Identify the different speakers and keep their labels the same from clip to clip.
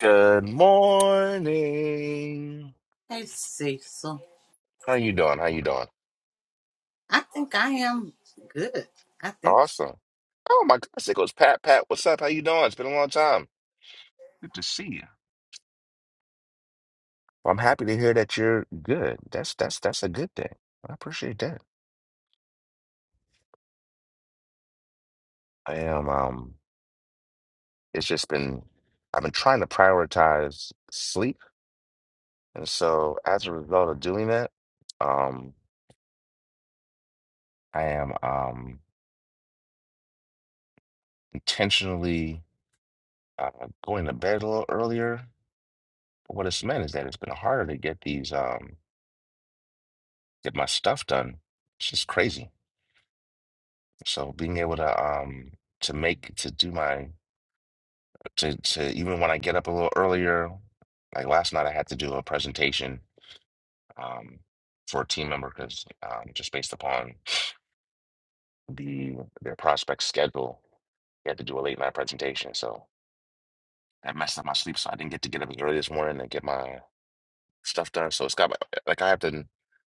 Speaker 1: Good morning.
Speaker 2: Hey, Cecil.
Speaker 1: How you doing? How you doing?
Speaker 2: I think I am good. I think so.
Speaker 1: Awesome. Oh my gosh, it goes Pat. Pat, what's up? How you doing? It's been a long time. Good to see you. Well, I'm happy to hear that you're good. That's that's that's a good thing. I appreciate that. I am. Um, it's just been. I've been trying to prioritize sleep, and so as a result of doing that, um, I am um intentionally uh, going to bed a little earlier. But what it's meant is that it's been harder to get these. um. get my stuff done. It's just crazy. So being able to um to make to do my to to even when I get up a little earlier, like last night I had to do a presentation um for a team member because um just based upon the their prospect schedule, we had to do a late night presentation. So that messed up my sleep, so I didn't get to get up as early this morning and get my stuff done. So it's got my, like I have to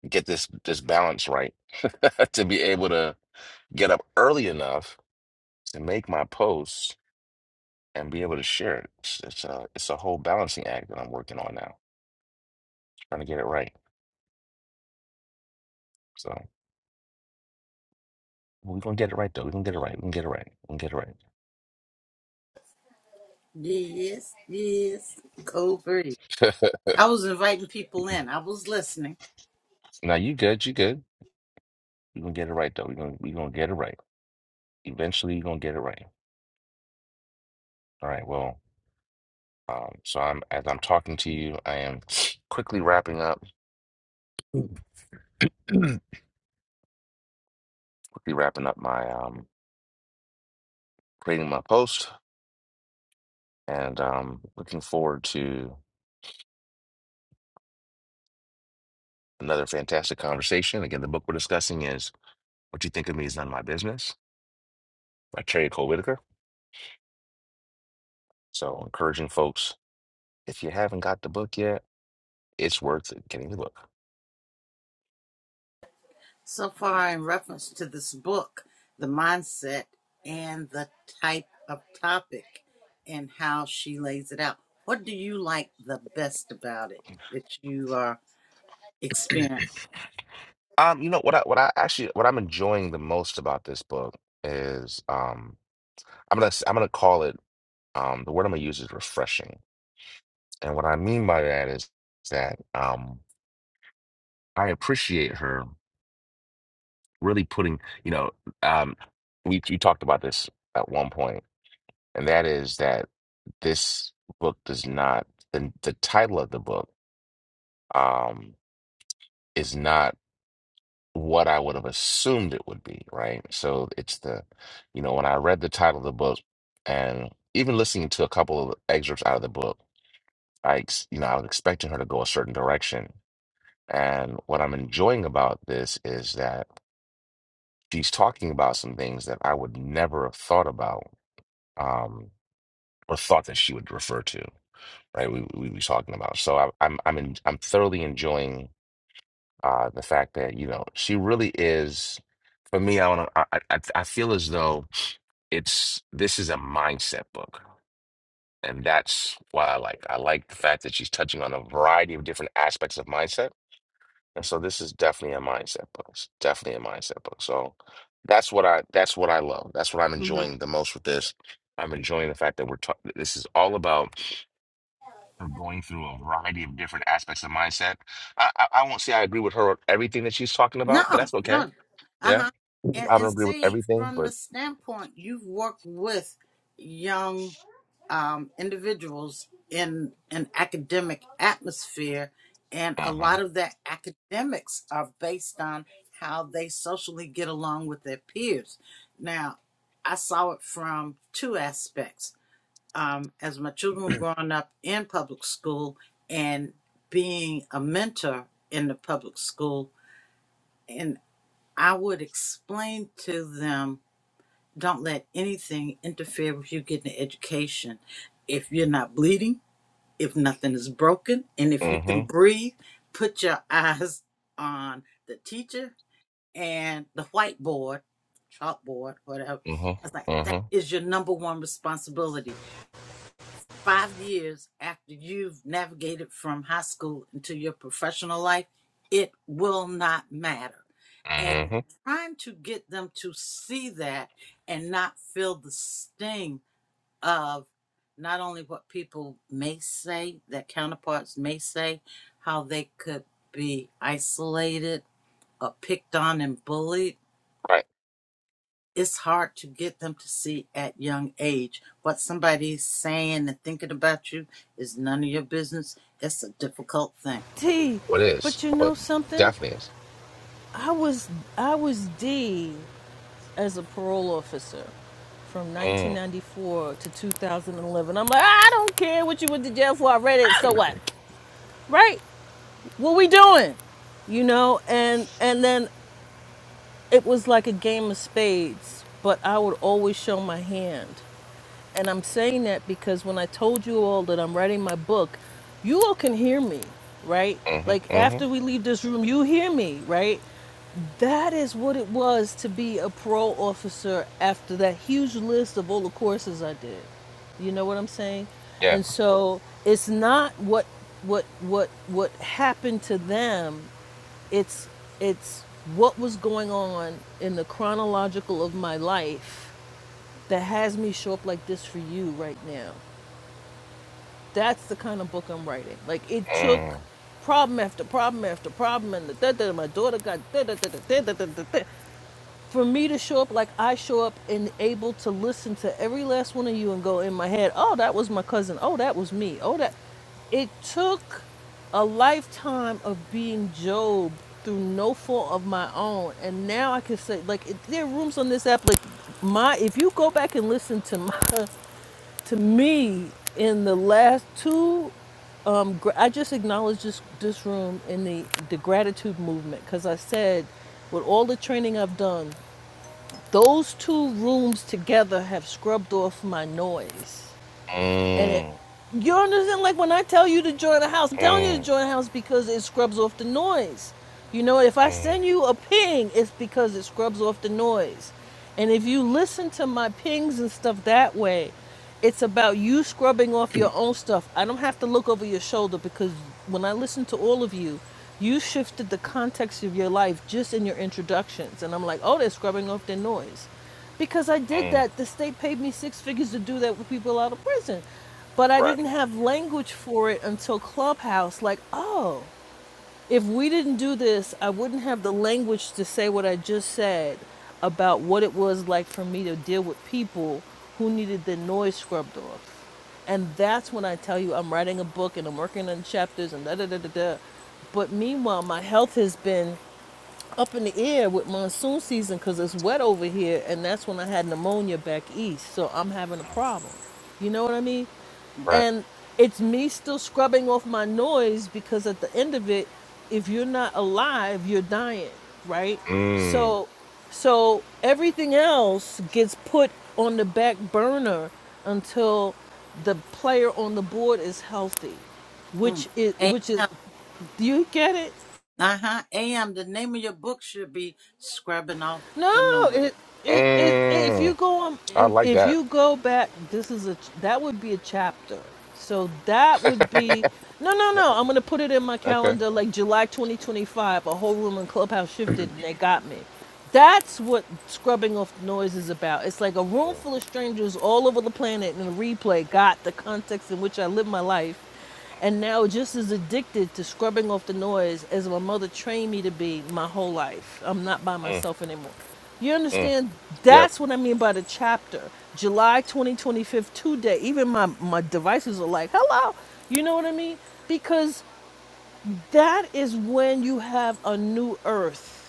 Speaker 1: get this this balance right to be able to get up early enough to make my posts and be able to share it. It's, it's a it's a whole balancing act that I'm working on now, trying to get it right. So we're gonna get it right though. We're gonna get it right. We're gonna get it right. We're gonna get
Speaker 2: yes, yes. Cold breeze.
Speaker 1: it right.
Speaker 2: I was inviting people in. I was listening.
Speaker 1: now you good, you good. We're gonna get it right though. We're gonna we're gonna get it right. Eventually you're gonna get it right. All right, well, um, so I'm as I'm talking to you, I am quickly wrapping up quickly wrapping up my um creating my post and um looking forward to another fantastic conversation. Again, the book we're discussing is What you think of me is none of my business by Cherry Cole Whitaker. So encouraging folks, if you haven't got the book yet, it's worth getting the book.
Speaker 2: So far, in reference to this book, the mindset and the type of topic and how she lays it out. What do you like the best about it that you are experiencing?
Speaker 1: Um, you know what I what I actually what I'm enjoying the most about this book is um I'm gonna s- I'm gonna call it um the word I'm gonna use is refreshing. And what I mean by that is that um I appreciate her really putting, you know, um we we talked about this at one point. and that is that this book does not the the title of the book um is not what I would have assumed it would be, right? So it's the you know when I read the title of the book and even listening to a couple of excerpts out of the book, I ex- you know I was expecting her to go a certain direction, and what I'm enjoying about this is that she's talking about some things that I would never have thought about um or thought that she would refer to. right? We we be talking about. So I, I'm I'm in, I'm thoroughly enjoying uh the fact that you know she really is. For me, I want to. I, I I feel as though it's this is a mindset book, and that's why I like. I like the fact that she's touching on a variety of different aspects of mindset, and so this is definitely a mindset book. It's definitely a mindset book. So that's what I that's what I love. That's what I'm
Speaker 2: hmm
Speaker 1: enjoying the most with this. I'm enjoying the fact that we're talking. This is all about. Her going through a variety of different aspects of mindset. I, I, I won't say I agree with her on everything that she's talking about, but
Speaker 2: No,
Speaker 1: that's okay.
Speaker 2: no. Uh
Speaker 1: Yeah.
Speaker 2: huh. And
Speaker 1: I don't
Speaker 2: and
Speaker 1: agree with
Speaker 2: see,
Speaker 1: everything,
Speaker 2: from
Speaker 1: but
Speaker 2: the standpoint you've worked with young um, individuals in an academic atmosphere, and a
Speaker 1: uh-huh.
Speaker 2: lot of their academics are based on how they socially get along with their peers. Now, I saw it from two aspects. Um, as my children were growing up in public school and being a mentor in the public school, and I would explain to them don't let anything interfere with you getting an education. If you're not bleeding, if nothing is broken and if you can
Speaker 1: Mm-hmm.
Speaker 2: breathe, put your eyes on the teacher and the whiteboard, chalkboard, whatever. I was like,
Speaker 1: Mm-hmm.
Speaker 2: that
Speaker 1: Mm-hmm.
Speaker 2: is your number one responsibility. Five years after you've navigated from high school into your professional life, it will not matter. And
Speaker 1: Mm-hmm.
Speaker 2: trying to get them to see that and not feel the sting of not only what people may say, their counterparts may say, how they could be isolated or picked on and bullied.
Speaker 1: Right.
Speaker 2: It's hard to get them to see at young age what somebody's saying and thinking about you is none of your business. It's a difficult thing.
Speaker 3: T.
Speaker 1: What is?
Speaker 3: But you know
Speaker 1: What
Speaker 3: something?
Speaker 1: definitely is.
Speaker 3: I was I was D as a parole officer from
Speaker 1: Mm.
Speaker 3: 1994 to 2011. I'm like, "Ah, I don't care what you went to jail for. I read it. So what? Right? What we doing? You know? And and then it was like a game of spades, but I would always show my hand. And I'm saying that because when I told you all that I'm writing my book, you all can hear me, right?
Speaker 1: Mm-hmm.
Speaker 3: Like
Speaker 1: Mm-hmm.
Speaker 3: after we leave this room, you hear me, right? That is what it was to be a parole officer after that huge list of all the courses I did. You know what I'm saying?
Speaker 1: Yeah.
Speaker 3: And so it's not what what what what happened to them. It's it's what was going on in the chronological of my life that has me show up like this for you right now. That's the kind of book I'm writing. Like it took
Speaker 1: Mm.
Speaker 3: problem after problem after problem, and da da. da, My daughter got da da da da da da da da for me to show up like I show up and able to listen to every last one of you and go in my head, oh, that was my cousin. Oh, that was me. Oh, that. It took a lifetime of being Job through no fault of my own. And now I can say, like, it, there are rooms on this app, like, my, if you go back and listen to my, to me in the last two um, gr- I just acknowledge this this room in the the gratitude movement because I said, with all the training I've done, those two rooms together have scrubbed off my noise. And it
Speaker 1: Mm.
Speaker 3: you understand like when I tell you to join a house, I'm telling you to
Speaker 1: Mm.
Speaker 3: join a house because it scrubs off the noise. You know, if I send
Speaker 1: Mm.
Speaker 3: you a ping, it's because it scrubs off the noise. And if you listen to my pings and stuff that way, it's about you scrubbing off your own stuff. I don't have to look over your shoulder because when I listen to all of you, you shifted the context of your life just in your introductions. And I'm like, oh, they're scrubbing off their noise because I did
Speaker 1: Mm.
Speaker 3: that. The state paid me six figures to do that with people out of prison. But I
Speaker 1: Right.
Speaker 3: didn't have language for it until Clubhouse. Like, oh, if we didn't do this, I wouldn't have the language to say what I just said about what it was like for me to deal with people who needed their noise scrubbed off. And that's when I tell you I'm writing a book and I'm working on chapters and da da da da da. But meanwhile, my health has been up in the air with monsoon season because it's wet over here, and that's when I had pneumonia back east. So I'm having a
Speaker 1: Mm.
Speaker 3: problem. You know what I mean?
Speaker 1: Right.
Speaker 3: And it's me still scrubbing off my noise because at the end of it, if you're not alive, you're dying, right?
Speaker 1: Mm.
Speaker 3: So, so everything else gets put on the back burner until the player on the board is healthy,
Speaker 2: Mm.
Speaker 3: which is
Speaker 2: A-
Speaker 3: which is. Do you get it?
Speaker 2: uh-huh. AM, the name of your book should be Scrubbing Off the
Speaker 3: No,
Speaker 2: Noise.
Speaker 3: it, it it if you
Speaker 1: Mm.
Speaker 3: go on
Speaker 1: I
Speaker 3: if
Speaker 1: like
Speaker 3: if
Speaker 1: that.
Speaker 3: you go back, this is a ch- that would be a chapter. So that would be no no no. I'm gonna put it in my
Speaker 1: okay.
Speaker 3: calendar like July 2025. A whole room in Clubhouse shifted and they got me. That's what scrubbing off noise is about. It's like a room
Speaker 1: Mm.
Speaker 3: full of strangers all over the planet and the replay got the context in which I live my life and now just as addicted to scrubbing off the noise as my mother trained me to be my whole life. I'm not by
Speaker 1: Mm.
Speaker 3: myself anymore. You
Speaker 1: Mm.
Speaker 3: understand?
Speaker 1: Yeah.
Speaker 3: That's what I mean by the chapter. July 2025, today. Even my, my devices are like, hello. You know what I mean? Because that is when you have a new earth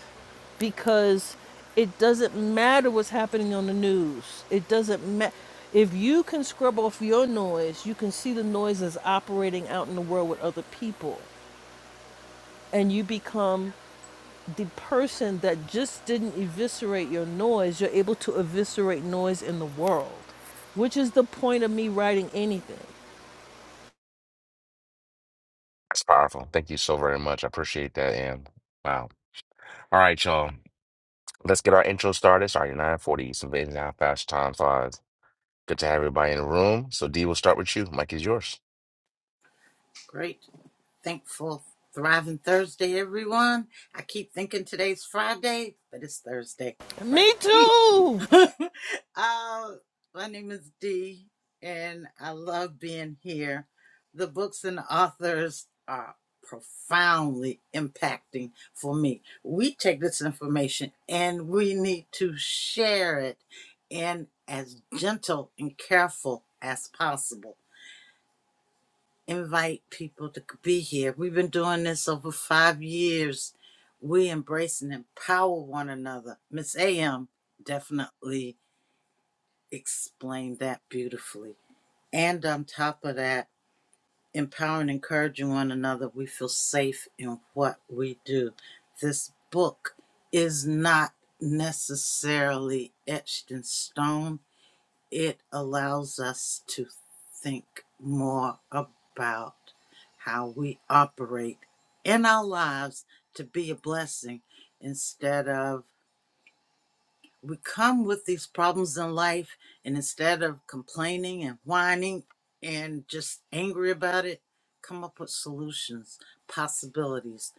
Speaker 3: because it doesn't matter what's happening on the news. It doesn't matter. If you can scrub off your noise, you can see the noises operating out in the world with other people. And you become the person that just didn't eviscerate your noise. You're able to eviscerate noise in the world, which is the point of me writing anything.
Speaker 1: That's powerful. Thank you so very much. I appreciate that. And wow. All right, y'all. Let's get our intro started. Sorry, 940. It's amazing how fast time flies. Good to have everybody in the room. So D, we'll start with you. Mike is yours.
Speaker 2: Great. Thankful. Thriving Thursday, everyone. I keep thinking today's Friday, but it's Thursday. Friday.
Speaker 3: Me too!
Speaker 2: uh, my name is Dee, and I love being here. The books and authors are profoundly impacting for me. We take this information and we need to share it in as gentle and careful as possible. Invite people to be here. We've been doing this over five years. We embrace and empower one another. Miss AM definitely explained that beautifully. And on top of that, empowering, encouraging one another, we feel safe in what we do. This book is not necessarily etched in stone, it allows us to think more about how we operate in our lives to be a blessing instead of we come with these problems in life and instead of complaining and whining and just angry about it come up with solutions possibilities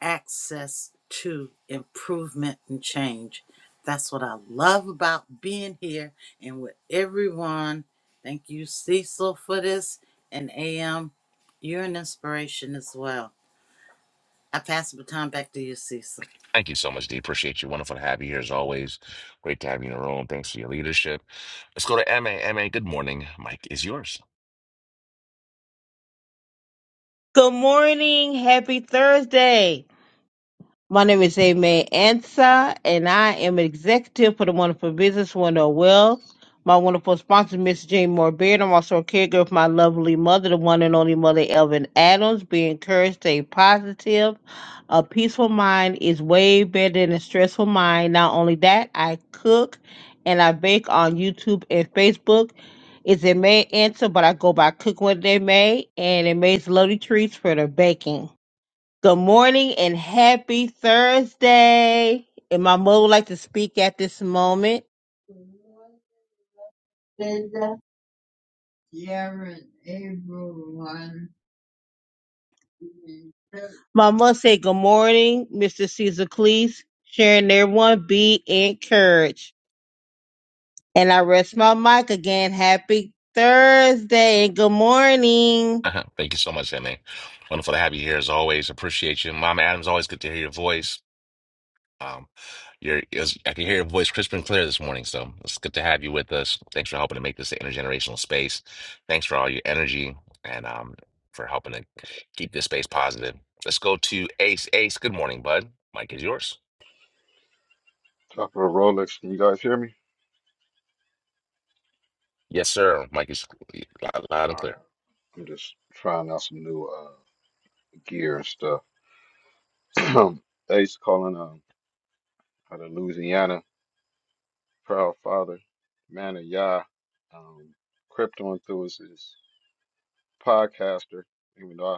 Speaker 2: access to improvement and change that's what i love about being here and with everyone thank you cecil for this and am you're an inspiration as well i pass the baton back to you cecil
Speaker 1: Thank you so much, D. Appreciate you. Wonderful to have you here as always. Great to have you in the room. Thanks for your leadership. Let's go to M A. M A. good morning. Mike is yours.
Speaker 4: Good morning. Happy Thursday. My name is Aimee Ansa, and I am executive for the Wonderful Business Wonderful Wealth. My wonderful sponsor, Miss Jane Moore Beard. I'm also a caregiver for my lovely mother, the one and only mother, Elvin Adams. Be encouraged, stay positive. A peaceful mind is way better than a stressful mind. Not only that, I cook and I bake on YouTube and Facebook. It's Aimee Ansa, but I go by Cook What They May, and it makes lovely treats for the baking. Good morning and happy Thursday. And my mother would like to speak at this moment. Linda. My mother said, Good morning, Mr. Caesar Cleese, sharing everyone be encouraged. And I rest my mic again. Happy Thursday and good morning.
Speaker 1: Thank you so much, MA. Wonderful to have you here as always. Appreciate you. Mama Adams, always good to hear your voice. Um, you're, it I can hear your voice crisp and clear this morning, so it's good to have you with us. Thanks for helping to make this an intergenerational space. Thanks for all your energy and um, for helping to keep this space positive. Let's go to Ace. Ace, good morning, bud. Mike is yours.
Speaker 5: Top of a Rolex, can you guys hear me?
Speaker 1: Yes, sir. Mike is loud, loud
Speaker 5: All
Speaker 1: and
Speaker 5: right.
Speaker 1: clear.
Speaker 5: I'm just trying out some new uh, gear and stuff. Ace calling um, out of Louisiana, proud father, man of Yah. Um, Crypto enthusiast, podcaster, even though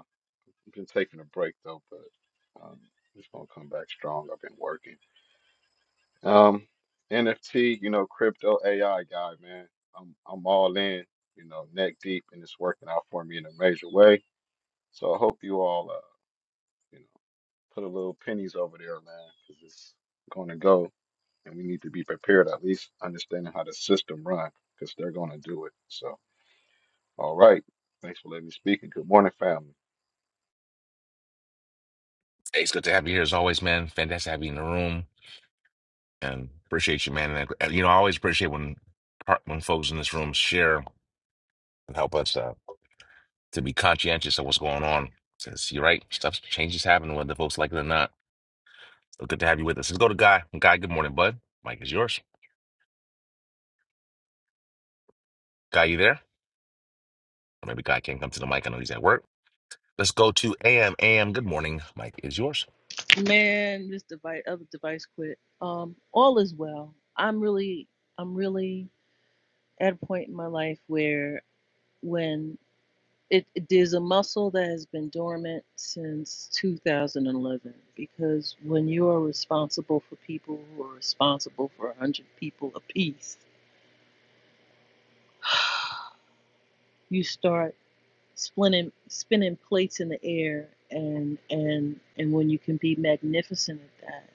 Speaker 5: I've been taking a break though, but um, just gonna come back strong. I've been working. Um, NFT, you know, crypto AI guy, man. I'm I'm all in, you know, neck deep, and it's working out for me in a major way. So I hope you all. uh, You know, put a little pennies over there, man, because it's going to go, and we need to be prepared. At least understanding how the system run, because they're going to do it. So, all right. Thanks for letting me speak, and good morning, family.
Speaker 1: Ace, good to have you here as always, man. Fantastic to have you in the room and appreciate you, man. And, uh, you know, I always appreciate when, par- when folks in this room share and help us. uh, to be conscientious of what's going on. Says you're right, stuff changes happen whether folks like it or not. So good to have you with us. Let's go to Guy. Guy, good morning, bud. Mike is yours. Guy, you there? Or maybe Guy can't come to the mic. I know he's at work. Let's go to AM. AM, good morning. Mike is yours.
Speaker 6: Man, this device, other device quit. Um, all is well. I'm really, I'm really at a point in my life where when it, it- there's a muscle that has been dormant since 2011 because when you are responsible for people who are responsible for 100 people apiece, you start spinning spinning plates in the air and and and when you can be magnificent at that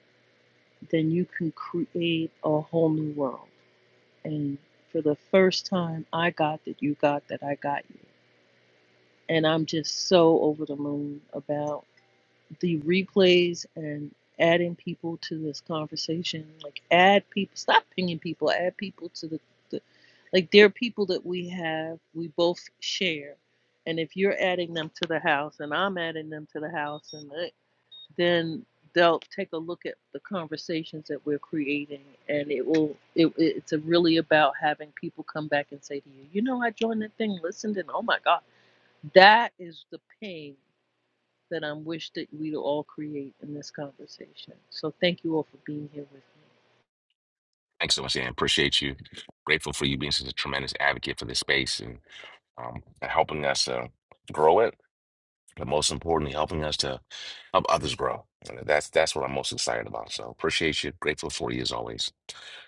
Speaker 6: then you can create a whole new world And for the first time, I got that you got that I got you. And I'm just so over the moon about the replays and adding people to this conversation. Like, add people, stop pinging people, add people to the, the like, there are people that we have, we both share. And if you're adding them to the house and I'm adding them to the house and the, then they'll take a look at the conversations that we're creating and it will it, it's a really about having people come back and say to you you know i joined that thing listened and oh my god that is the pain that i'm wish that we would all create in this conversation so thank you all for being here with me
Speaker 1: Thanks so much, AM. Appreciate you. Grateful for you being such a tremendous advocate for this space and um, helping us uh, grow it. but most importantly, helping us to help others grow. And that's that's what I'm most excited about. So appreciate you. Grateful for you as always.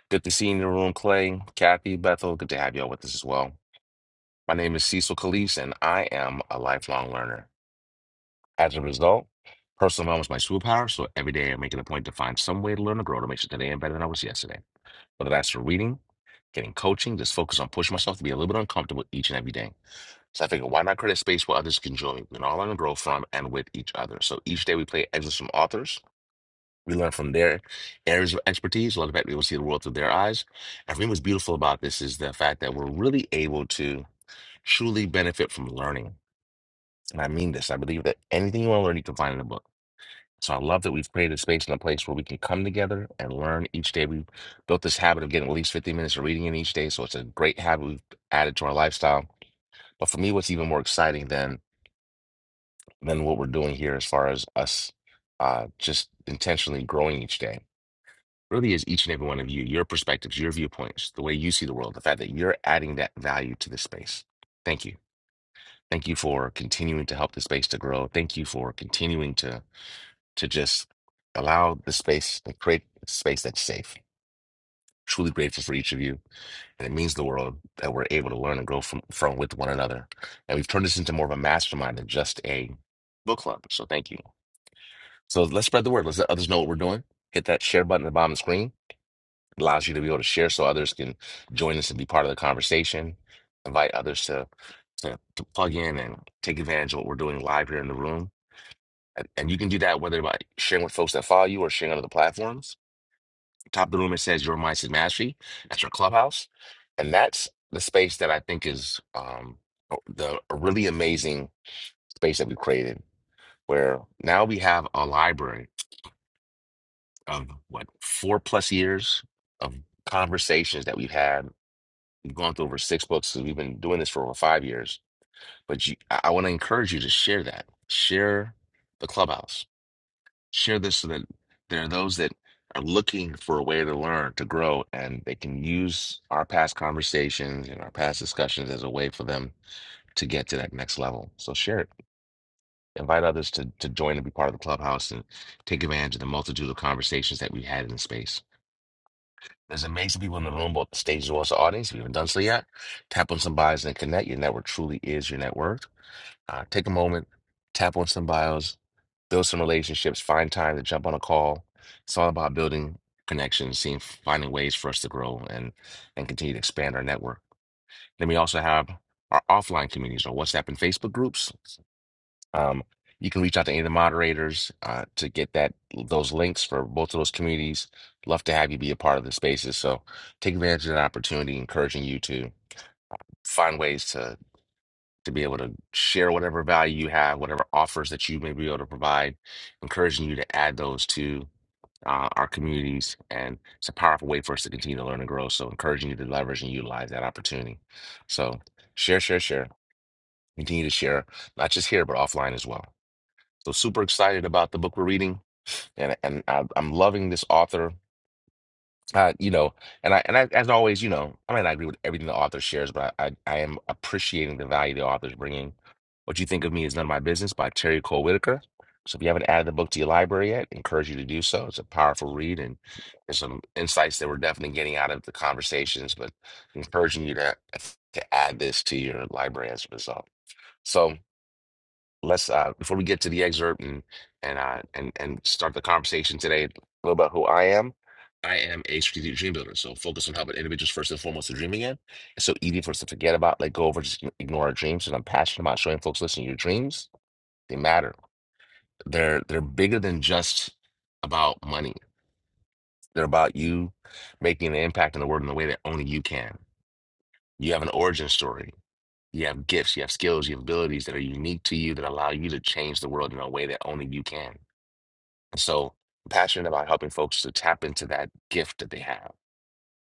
Speaker 1: Good to see you in the room, Clay, Kathy, Bethel. Good to have you all with us as well. My name is Cecil Calise, and I am a lifelong learner. As a result, personal development is my superpower. So every day I make it a point to find some way to learn and grow to make sure today I'm better than I was yesterday. Whether that's through reading, getting coaching, just focus on pushing myself to be a little bit uncomfortable each and every day. So I figured, why not create a space where others can join? We can all learn and grow from and with each other. So each day we play excerpts from authors. We learn from their areas of expertise. A lot of that we will see the world through their eyes. And for me, what's beautiful about this is the fact that we're really able to truly benefit from learning. And I mean this. I believe that anything you want to learn, you can find in a book. So I love that we've created a space and a place where we can come together and learn each day. We built this habit of getting at least 15 minutes of reading in each day. So it's a great habit we've added to our lifestyle. But for me, what's even more exciting than than what we're doing here as far as us uh, just intentionally growing each day. Really is each and every one of you, your perspectives, your viewpoints, the way you see the world, the fact that you're adding that value to the space. Thank you. Thank you for continuing to help the space to grow. Thank you for continuing to to just allow the space to create a space that's safe. Truly grateful for each of you. And it means the world that we're able to learn and grow from, from with one another. And we've turned this into more of a mastermind than just a book club. So thank you. So let's spread the word. Let's let others know what we're doing. Hit that share button at the bottom of the screen. It allows you to be able to share so others can join us and be part of the conversation. Invite others to, to, to plug in and take advantage of what we're doing live here in the room. And, and you can do that whether by sharing with folks that follow you or sharing on other platforms. Top of the room, it says Your Mindset Mastery. That's your clubhouse. And that's the space that I think is um, the a really amazing space that we created where now we have a library of what four plus years of conversations that we've had. We've gone through over six books because we've been doing this for over five years. But you, I, I want to encourage you to share that. Share the clubhouse. Share this so that there are those that are looking for a way to learn, to grow, and they can use our past conversations and our past discussions as a way for them to get to that next level. So share it. Invite others to to join and be part of the clubhouse and take advantage of the multitude of conversations that we've had in the space. There's amazing people in the room, both the stage as well as the audience. If you haven't done so yet, tap on some bios and connect. Your network truly is your net worth. Uh, take a moment, tap on some bios, build some relationships, find time to jump on a call. It's all about building connections, seeing finding ways for us to grow and and continue to expand our network. Then we also have our offline communities, our WhatsApp and Facebook groups. Um, you can reach out to any of the moderators uh, to get that those links for both of those communities. Love to have you be a part of the spaces. So take advantage of that opportunity, encouraging you to find ways to to be able to share whatever value you have, whatever offers that you may be able to provide, encouraging you to add those to uh, our communities. And it's a powerful way for us to continue to learn and grow. So encouraging you to leverage and utilize that opportunity. So share, share, share. Continue to share, not just here, but offline as well. So super excited about the book we're reading, and and I, I'm loving this author. Uh, you know, and I and I, as always, you know, I might not agree with everything the author shares, but I, I I am appreciating the value the author's bringing. What you think of me is none of my business by Terry Cole Whitaker. So if you haven't added the book to your library yet, encourage you to do so. It's a powerful read, and there's some insights that we're definitely getting out of the conversations, but encouraging you to to add this to your library as a result. So let's uh before we get to the excerpt and and uh and and start the conversation today a little about who I am. I am a strategic dream builder, so focus on helping individuals first and foremost to dream again. It's so easy for us to forget about, let go over, or just ign- ignore our dreams. And I'm passionate about showing folks, listen, your dreams they matter. They're they're bigger than just about money. They're about you making an impact in the world in the way that only you can. You have an origin story. You have gifts. You have skills. You have abilities that are unique to you that allow you to change the world in a way that only you can So I'm passionate about helping folks to tap into that gift that they have.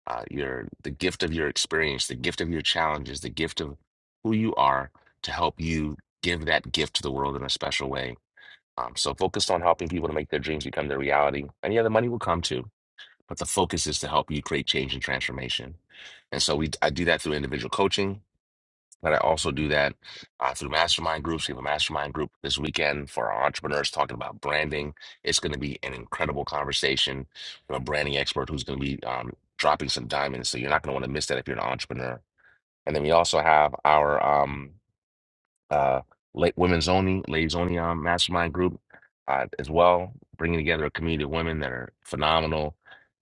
Speaker 1: Uh, your the gift of your experience, the gift of your challenges, the gift of who you are to help you give that gift to the world in a special way. Um, so focused on helping people to make their dreams become their reality. And yeah, the money will come too, but the focus is to help you create change and transformation. And so we I do that through individual coaching but I also do that uh, through mastermind groups. We have a mastermind group this weekend for our entrepreneurs talking about branding. It's going to be an incredible conversation with a branding expert who's going to be um, dropping some diamonds. So you're not going to want to miss that if you're an entrepreneur. And then we also have our um, uh, late women's only, ladies only um, mastermind group uh, as well, bringing together a community of women that are phenomenal,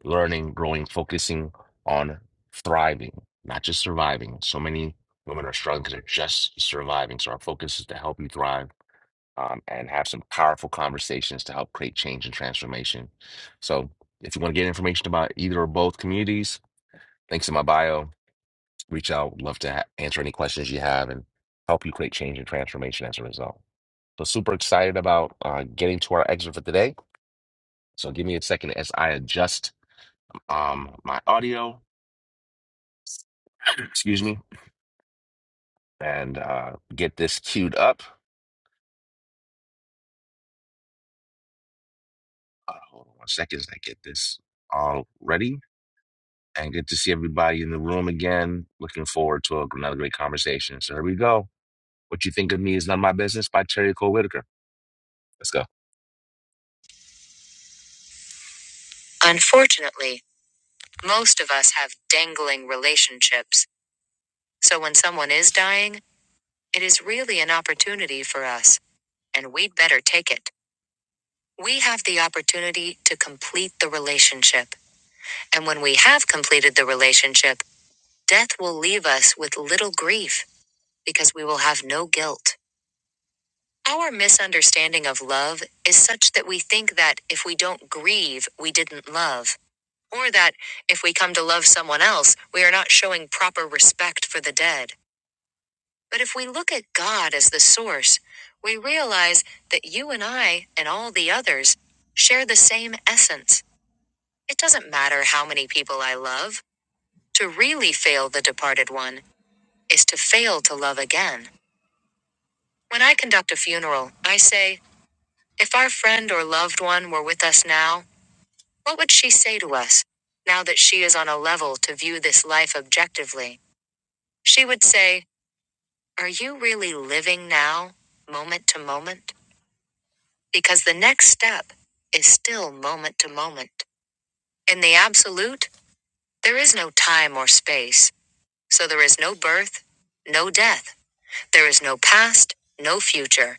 Speaker 1: learning, growing, focusing on thriving, not just surviving. So many women are struggling because they're just surviving. So our focus is to help you thrive um, and have some powerful conversations to help create change and transformation. So if you want to get information about either or both communities, links in my bio. Reach out. Would Love to ha- answer any questions you have and help you create change and transformation as a result. So super excited about uh, getting to our excerpt for today. So give me a second as I adjust um, my audio, excuse me, and uh, get this queued up. Uh, hold on one second as I get this all ready. And good to see everybody in the room again. Looking forward to a- another great conversation. So here we go. What you think of me is none of my business by Terry Cole Whitaker. Let's go. Unfortunately, most of us have dangling chips. So is dying. It is really an opportunity for us, and we'd better take it. We have the opportunity to complete the relationship. And when completed the relationship, death will leave us with little grief because we will have no guilt. Our misunderstanding of love is such that we think that if we don't grieve, we didn't love, or that if we come to love someone else, we are not showing proper respect for the dead. But if we look at God as the source, we realize that you and I and all the others share the same essence. It doesn't matter how many people I love. To really fail the departed one is to fail to love again. When I conduct a funeral, I say, if our friend or loved one were with us now, what would she say to us? Now that she is on a level to view this life objectively, she would say, Are you really living now, moment to moment? Because the next step is still moment to moment. In the absolute, there is no time or space. So there is no birth, no death. There is no past, no future.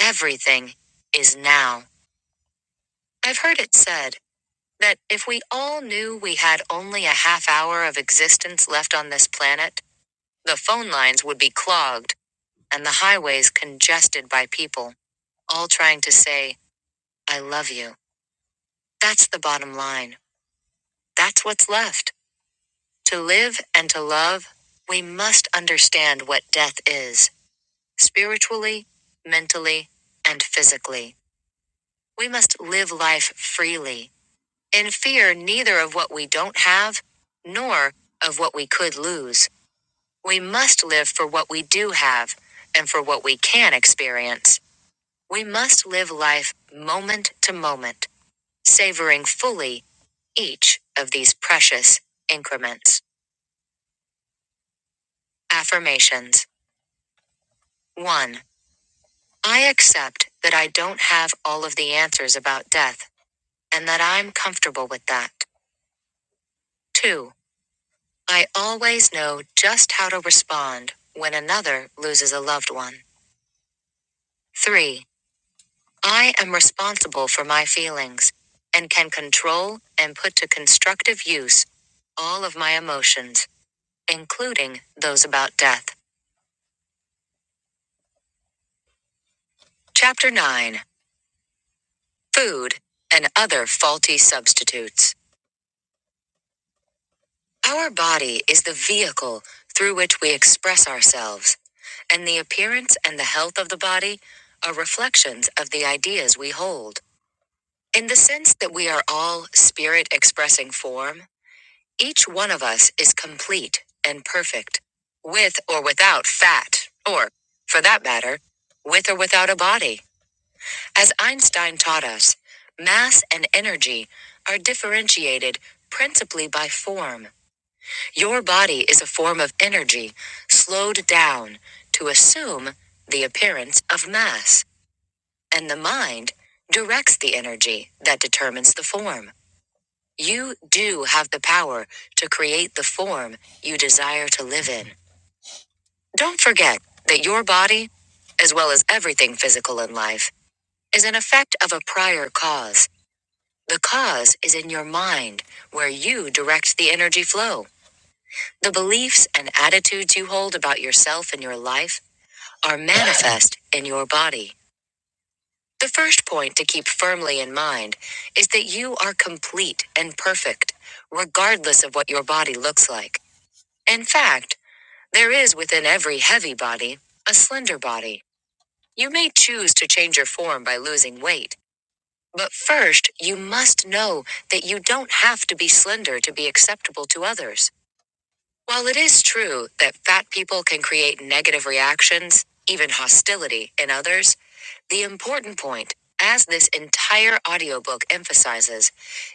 Speaker 1: Everything is now. I've heard it said that if we all knew we had only a half hour of existence left on this planet, the phone lines would be clogged and the highways congested by people, all trying to say, I love you. That's the bottom line. That's what's left. To live and to love, we must understand what death is. spiritually, mentally, and physically. We must live life freely, in fear neither of what we don't have, nor of what we could lose. We must live for what we do have and for what we can experience. We must live life moment to moment, savoring fully each of these precious increments. Affirmations 1. I accept that I don't have all of the answers about death and that I'm comfortable with that. 2. I always know just how to respond when another loses a loved one. 3. I am responsible for my feelings and can control and put to constructive use all of my emotions, including those about death. Chapter 9 Food and Other Faulty Substitutes. Our body is the vehicle through which we express ourselves, and the appearance and the health of the body are reflections of the ideas we hold. In the sense that we are all spirit expressing form, each one of us is complete and perfect, with or without fat, or, for that matter, with or without a body. As Einstein taught us, mass and energy are differentiated principally by form. Your body is a form of energy slowed down to assume the appearance of mass, and the mind directs the energy that determines the form. You do have the power to create the form you desire to live in. Don't forget that your body, as well as everything physical in life, is an effect of a prior cause. The cause is in your mind, where you direct the energy flow. The beliefs and attitudes you hold about yourself and your life are manifest in your body. The first point to keep firmly in mind is that you are complete and perfect, regardless of what your body looks like. In fact, there is within every heavy body a slender body. You may choose to change your form by losing weight, but first you must know that you don't have to be slender to be acceptable to others. While it is true that fat people can create negative reactions, even hostility, in others, the important point, as this entire audiobook emphasizes,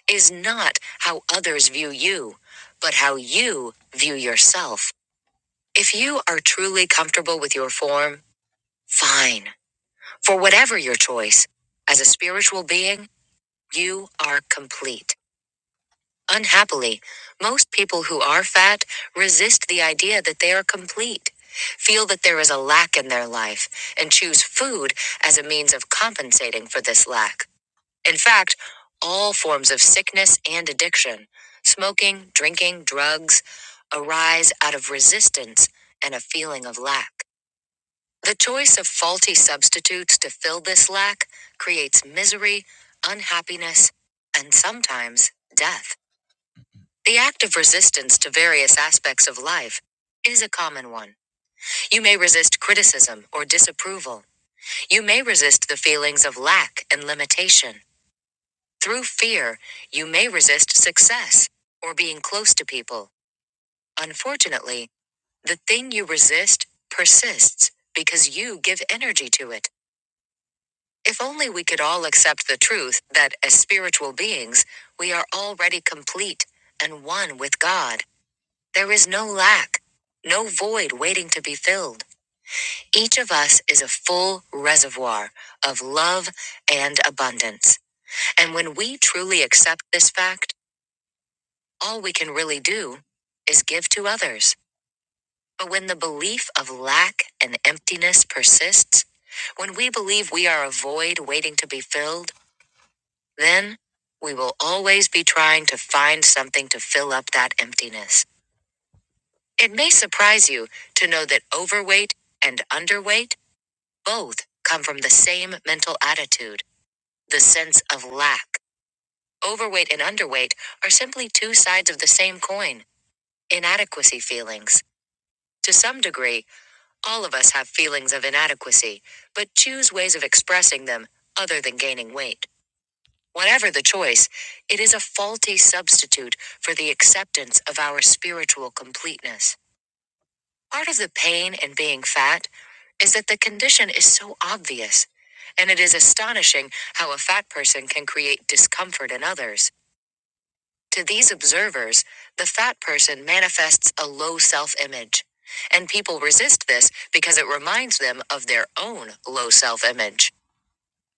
Speaker 1: is not how others view you, but how you view yourself. If you are truly comfortable with your form, fine. For whatever your choice, as a spiritual being, you are complete. Unhappily, most people who are fat resist the idea that they are complete, feel that there is a lack in their life, and choose food as a means of compensating for this lack. In fact, all forms of sickness and addiction, smoking, drinking, drugs, arise out of resistance and a feeling of lack. The choice of faulty substitutes to fill this lack creates misery, unhappiness, and sometimes death. The act of resistance to various aspects of life is a common one. You may resist criticism or disapproval. You may resist the feelings of lack and limitation. Through fear, you may resist success or being close to people. Unfortunately, the thing you resist persists because you give energy to it. If only we could all accept the truth that, as spiritual beings, we are already complete and one with God. There is no lack, no void waiting to be filled. Each of us is a full reservoir of love and abundance. And when we truly accept this fact, all we can really do is give to others. But when the belief of lack and emptiness persists, when we believe we are a void waiting to be filled, then we will always be trying to find something to fill up that emptiness. It may surprise you to know that overweight and underweight both come from the same mental attitude, the sense of lack. Overweight and underweight are simply two sides of the same coin inadequacy feelings. To some degree, all of us have feelings of inadequacy, but choose ways of expressing them other than gaining weight. Whatever the choice, it is a faulty substitute for the acceptance of our spiritual completeness. Part of the pain in being fat is that the condition is so obvious, and it is astonishing how a fat person can create discomfort in others. To these observers, the fat person manifests a low self image, and people resist this because it reminds them of their own low self image.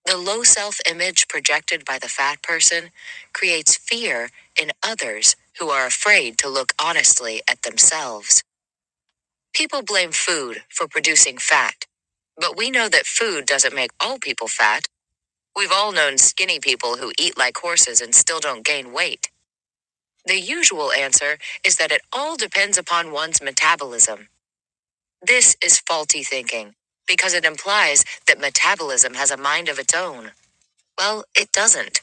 Speaker 1: The low self image projected by the fat person creates fear in others who are afraid to look honestly at themselves. People blame food for producing fat. But we know that food doesn't make all people fat. We've all known skinny people who eat like horses and still don't gain weight. The usual answer is that it all depends upon one's metabolism. This is faulty thinking, because it implies that metabolism has a mind of its own. Well, it doesn't.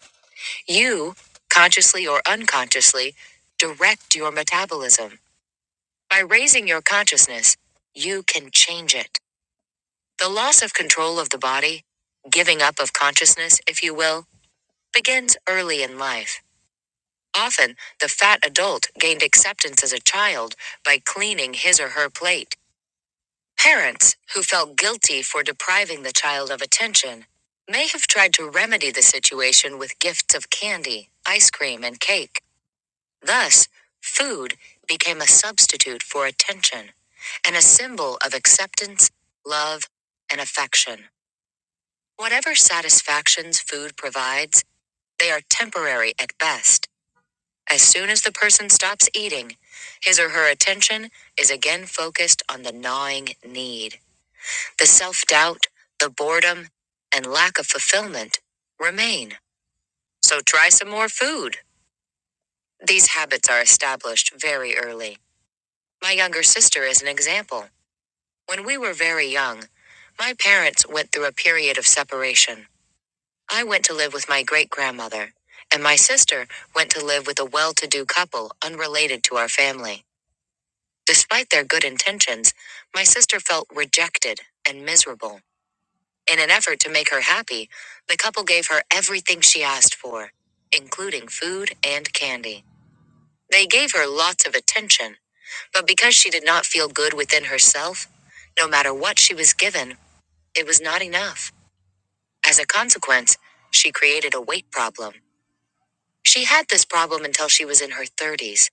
Speaker 1: You, consciously or unconsciously, direct your metabolism. By raising your consciousness, you can change it. The loss of control of the body, giving up of consciousness, if you will, begins early in life. Often, the fat adult gained acceptance as a child by cleaning his or her plate. Parents, who felt guilty for depriving the child of attention, may have tried to remedy the situation with gifts of candy, ice cream, and cake. Thus, food became a substitute for attention and a symbol of acceptance, love, and affection. Whatever satisfactions food provides, they are temporary at best. As soon as the person stops eating, his or her attention is again focused on the gnawing need. The self doubt, the boredom, and lack of fulfillment remain. So try some more food. These habits are established very early. My younger sister is an example. When we were very young, my parents went through a period of separation. I went to live with my great grandmother, and my sister went to live with a well to do couple unrelated to our family. Despite their good intentions, my sister felt rejected and miserable. In an effort to make her happy, the couple gave her everything she asked for, including food and candy. They gave her lots of attention, but because she did not feel good within herself, no matter what she was given, it was not enough. As a consequence, she created a weight problem. She had this problem until she was in her 30s.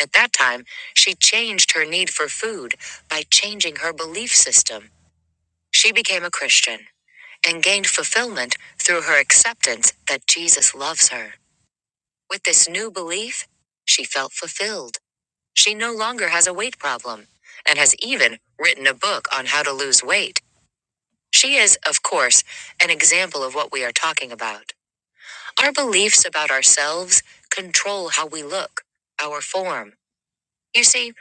Speaker 1: At that time, she changed her need for food by changing her belief system. She became a Christian and gained fulfillment through her acceptance that Jesus loves her. With this new belief, she felt fulfilled. She no longer has a weight problem and has even written a book on how to lose weight. She is, of course, an example of what we are talking about. Our beliefs about ourselves control how we look, our form. You see,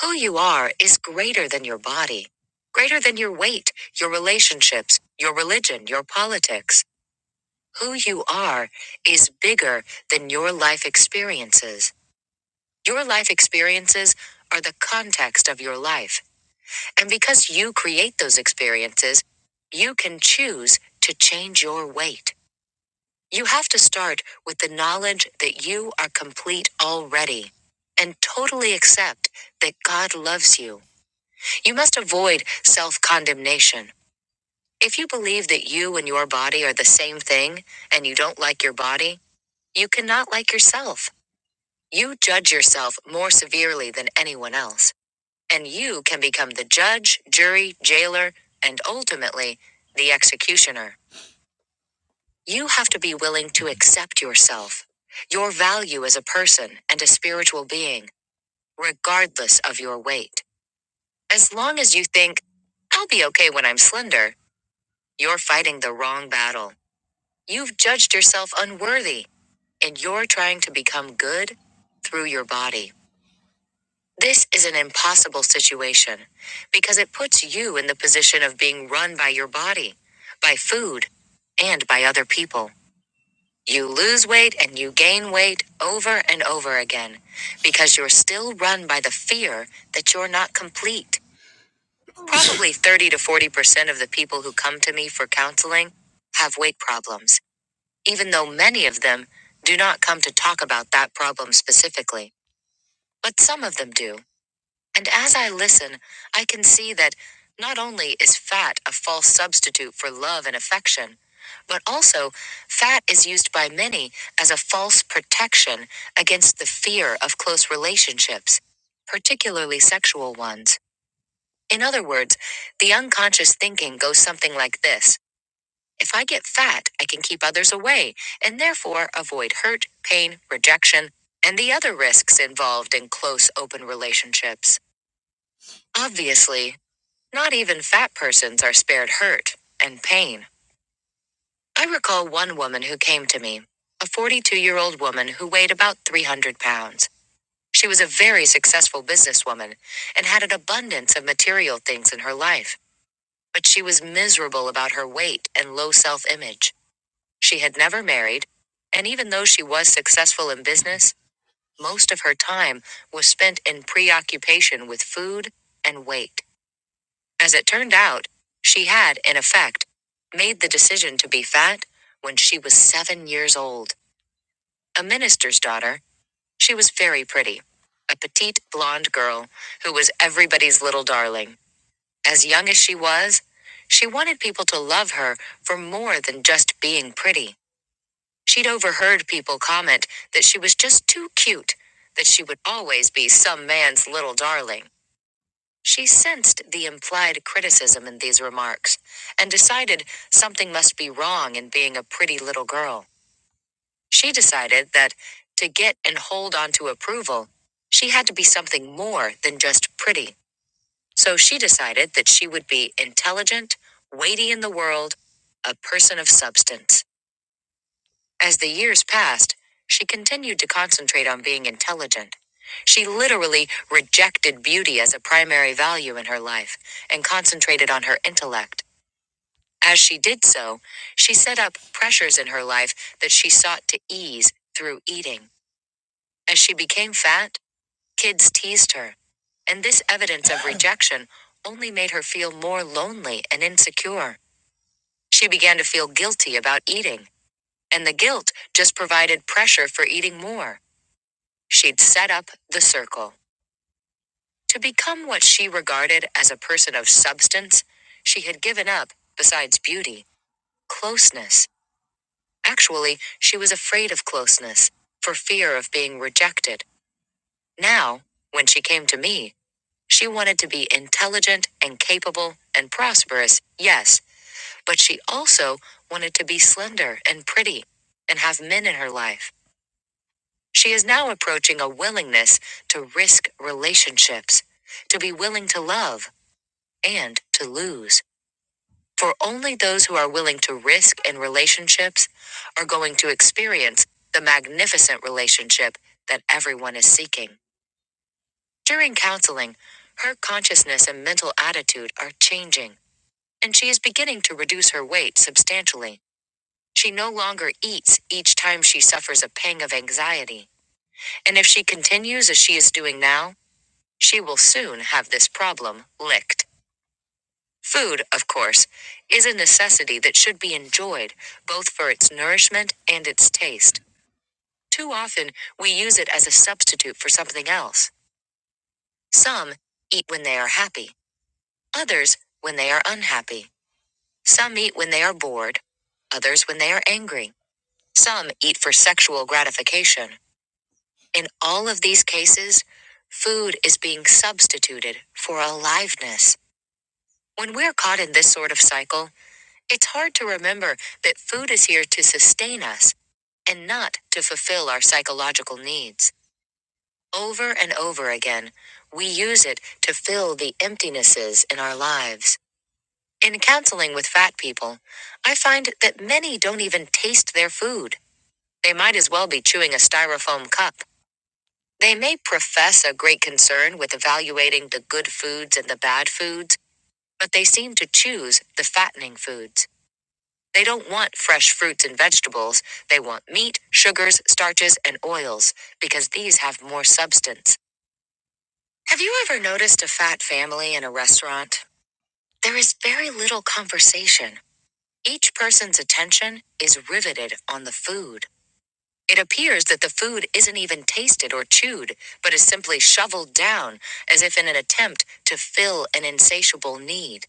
Speaker 1: who you are is greater than your body, greater than your weight, your relationships, your religion, your politics. Who you are is bigger than your life experiences. Your life experiences are the context of your life. And because you create those experiences, you can choose to change your weight. You have to start with the knowledge that you are complete already and totally accept that God loves you. You must avoid self condemnation. If you believe that you and your body are the same thing and you don't like your body, you cannot like yourself. You judge yourself more severely than anyone else, and you can become the judge, jury, jailer, and ultimately the executioner. You have to be willing to accept yourself, your value as a person and a spiritual being, regardless of your weight. As long as you think, I'll be okay when I'm slender, you're fighting the wrong battle. You've judged yourself unworthy, and you're trying to become good through your body. This is an impossible situation because it puts you in the position of being run by your body, by food, and by other people. You lose weight and you gain weight over and over again because you're still run by the fear that you're not complete. Probably 30 to 40% of the people who come to me for counseling have weight problems, even though many of them do not come to talk about that problem specifically. But some of them do. And as I listen, I can see that not only is fat a false substitute for love and affection, but also fat is used by many as a false protection against the fear of close relationships, particularly sexual ones. In other words, the unconscious thinking goes something like this If I get fat, I can keep others away and therefore avoid hurt, pain, rejection, and the other risks involved in close open relationships. Obviously, not even fat persons are spared hurt and pain. I recall one woman who came to me, a 42 year old woman who weighed about 300 pounds. She was a very successful businesswoman and had an abundance of material things in her life, but she was miserable about her weight and low self image. She had never married, and even though she was successful in business, most of her time was spent in preoccupation with food and weight. As it turned out, she had, in effect, made the decision to be fat when she was seven years old. A minister's daughter, she was very pretty. A petite blonde girl who was everybody's little darling. As young as she was, she wanted people to love her for more than just being pretty. She'd overheard people comment that she was just too cute, that she would always be some man's little darling. She sensed the implied criticism in these remarks and decided something must be wrong in being a pretty little girl. She decided that to get and hold on to approval, she had to be something more than just pretty. So she decided that she would be intelligent, weighty in the world, a person of substance. As the years passed, she continued to concentrate on being intelligent. She literally rejected beauty as a primary value in her life and concentrated on her intellect. As she did so, she set up pressures in her life that she sought to ease through eating. As she became fat, kids teased her. And this evidence of rejection only made her feel more lonely and insecure. She began to feel guilty about eating, and the guilt just provided pressure for eating more. She'd set up the circle. To become what she regarded as a person of substance, she had given up, besides beauty, closeness. Actually, she was afraid of closeness, for fear of being rejected. Now, when she came to me, she wanted to be intelligent and capable and prosperous, yes, but she also wanted to be slender and pretty and have men in her life. She is now approaching a willingness to risk relationships, to be willing to love and to lose. For only those who are willing to risk in relationships are going to experience the magnificent relationship that everyone is seeking. During counseling, her consciousness and mental attitude are changing, and she is beginning to reduce her weight substantially. She no longer eats each time she suffers a pang of anxiety. And if she continues as she is doing now, She will soon have this problem licked. Food, of course, is a necessity that should be enjoyed, both for its nourishment and its taste. Too often, we use it as a substitute for something else. Some eat when they are happy, others when they are unhappy. Some eat when they are bored, others when they are angry. Some eat for sexual gratification. In all of these cases, food is being substituted for aliveness. When we're caught in this sort of cycle, it's hard to remember that food is here to sustain us and not to fulfill our psychological needs. Over and over again, we use it to fill the emptinesses in our lives. In counseling with fat people, I find that many don't even taste their food. They might as well be chewing a styrofoam cup. They may profess a great concern with evaluating the good foods and the bad foods, but they seem to choose the fattening foods. They don't want fresh fruits and vegetables. They want meat, sugars, starches, and oils because these have more substance. Have you ever noticed a fat family in a restaurant? There is very little conversation. Each person's attention is riveted on the food. It appears that the food isn't even tasted or chewed, but is simply shoveled down as if in an attempt to fill an insatiable need.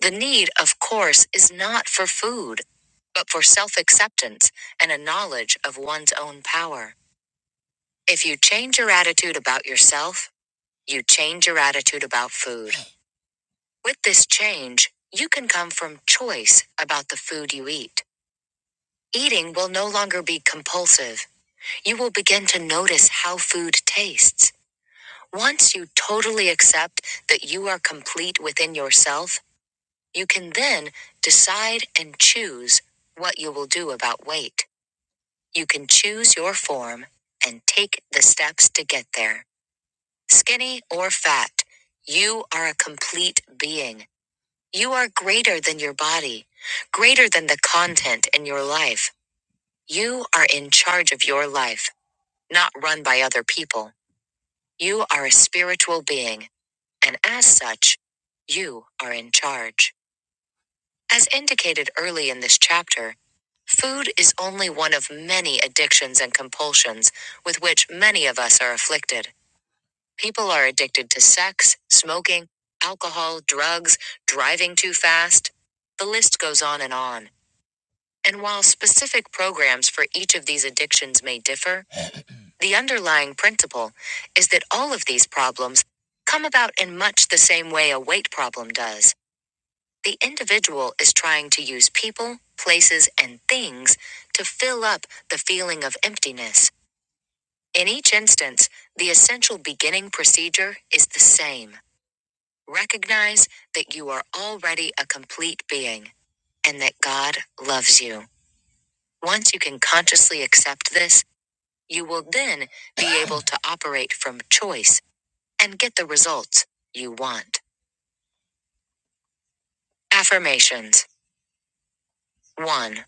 Speaker 1: The need, of course, is not for food, but for self acceptance and a knowledge of one's own power. If you change your attitude about yourself, you change your attitude about food. With this change, you can come from choice about the food you eat. Eating will no longer be compulsive. You will begin to notice how food tastes. Once you totally accept that you are complete within yourself, You can then decide and choose what you will do about weight. You can choose your form and take the steps to get there. Skinny or fat, you are a complete being. You are greater than your body, greater than the content in your life. You are in charge of your life, not run by other people. You are a spiritual being, and as such, you are in charge. As indicated early in this chapter, food is only one of many addictions and compulsions with which many of us are afflicted. People are addicted to sex, smoking, alcohol, drugs, driving too fast. The list goes on and on. And while specific programs for each of these addictions may differ, the underlying principle is that all of these problems come about in much the same way a weight problem does. The individual is trying to use people, places, and things to fill up the feeling of emptiness. In each instance, the essential beginning procedure is the same. Recognize that you are already a complete being and that God loves you. Once you can consciously accept this, you will then be able to operate from choice and get the results you want. Affirmations 1.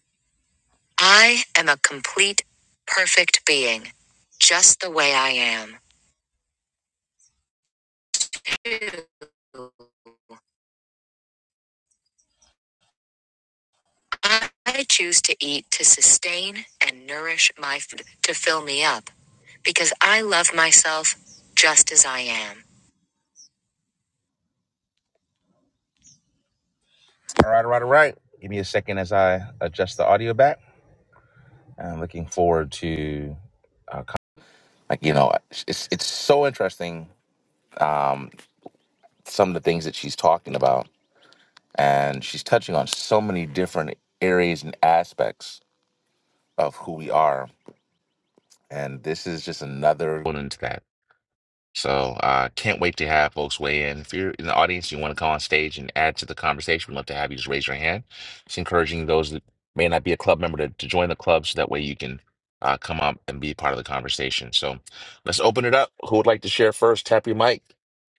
Speaker 1: I am a complete, perfect being, just the way I am. Two, I choose to eat to sustain and nourish my food to fill me up because I love myself just as I am. All right, all right, all right. Give me a second as I adjust the audio back. I'm looking forward to uh, co- like you know it's it's so interesting um, some of the things that she's talking about and she's touching on so many different areas and aspects of who we are. And this is just another one into that. So uh, can't wait to have folks weigh in. If you're in the audience, you want to come on stage and add to the conversation, we'd love to have you just raise your hand. It's encouraging those that may not be a club member to, to join the club so that way you can uh, come up and be part of the conversation. So let's open it up. Who would like to share first? Tap your mic.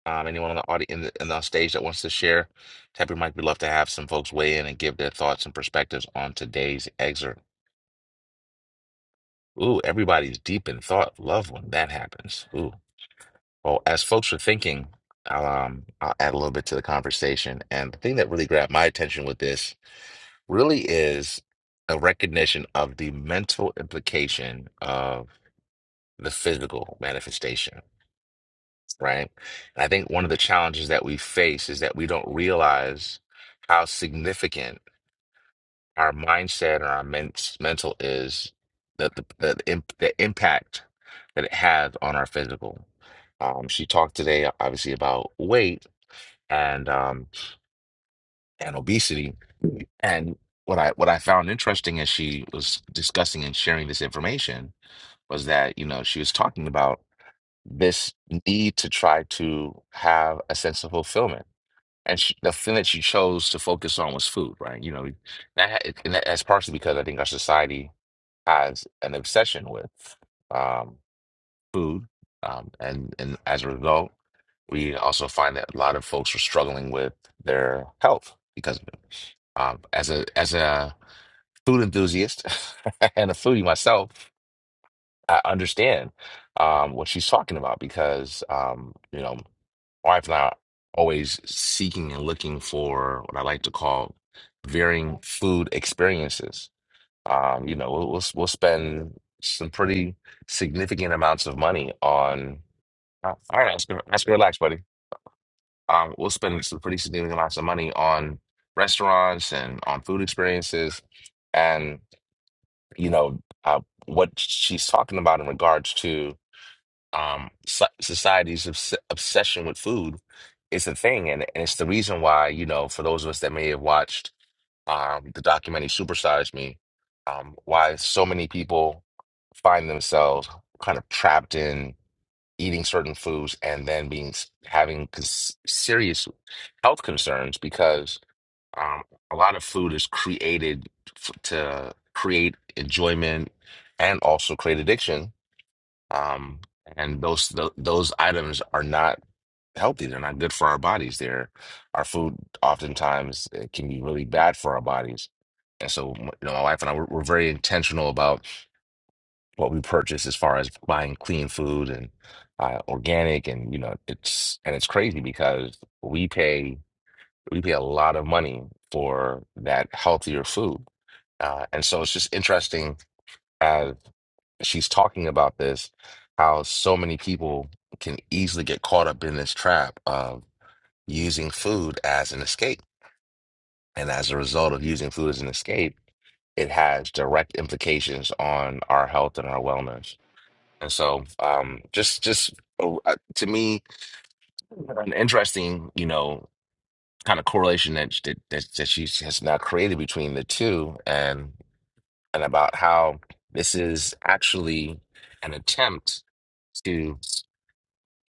Speaker 1: Um, anyone on the audience in the, in the stage that wants to share, tap your mic. We'd love to have some folks weigh in and give their thoughts and perspectives on today's excerpt. Ooh, everybody's deep in thought. Love when that happens. Ooh. Well, as folks are thinking, I'll, um, I'll add a little bit to the conversation. And the thing that really grabbed my attention with this really is a recognition of the mental implication of the physical manifestation, right? And I think one of the challenges that we face is that we don't realize how significant our mindset or our men mental is that the the, the, imp- the impact that it has on our physical. Um, she talked today, obviously, about weight and um, and obesity. And what I what I found interesting as she was discussing and sharing this information was that you know she was talking about this need to try to have a sense of fulfillment. And she, the thing that she chose to focus on was food, right? You know, that, and that's partially because I think our society has an obsession with um, food, um, and and as a result, we also find that a lot of folks are struggling with their health because of it. Um, as a as a food enthusiast and a foodie myself, I understand um, what she's talking about because um, you know my wife and I are always seeking and looking for what I like to call varying food experiences um, you know, we'll, we'll we'll spend some pretty significant amounts of money on. Uh, all right, Oscar, Oscar, relax, buddy. Um, we'll spend some pretty significant amounts of money on restaurants and on food experiences, and you know uh, what she's talking about in regards to um, so- society's obs obsession with food is a thing, and, and it's the reason why you know for those of us that may have watched um, the documentary Supersize Me, um, why so many people. find themselves kind of trapped in eating certain foods and then being having cons- serious health concerns because um, a lot of food is created f- to create enjoyment and also create addiction. Um, and those th- those items are not healthy. They're not good for our bodies. They're our food oftentimes uh, can be really bad for our bodies. And so, m- you know, my wife and I we're, we're very intentional about what we purchase as far as buying clean food and uh, organic and you know it's and it's crazy because we pay we pay a lot of money for that healthier food uh, and so it's just interesting as she's talking about this how so many people can easily get caught up in this trap of using food as an escape and as a result of using food as an escape it has direct implications on our health and our wellness And so, um, just just uh, uh, to me, an interesting, you know, kind of correlation that that that, that she has now created between the two, and and about how this is actually an attempt to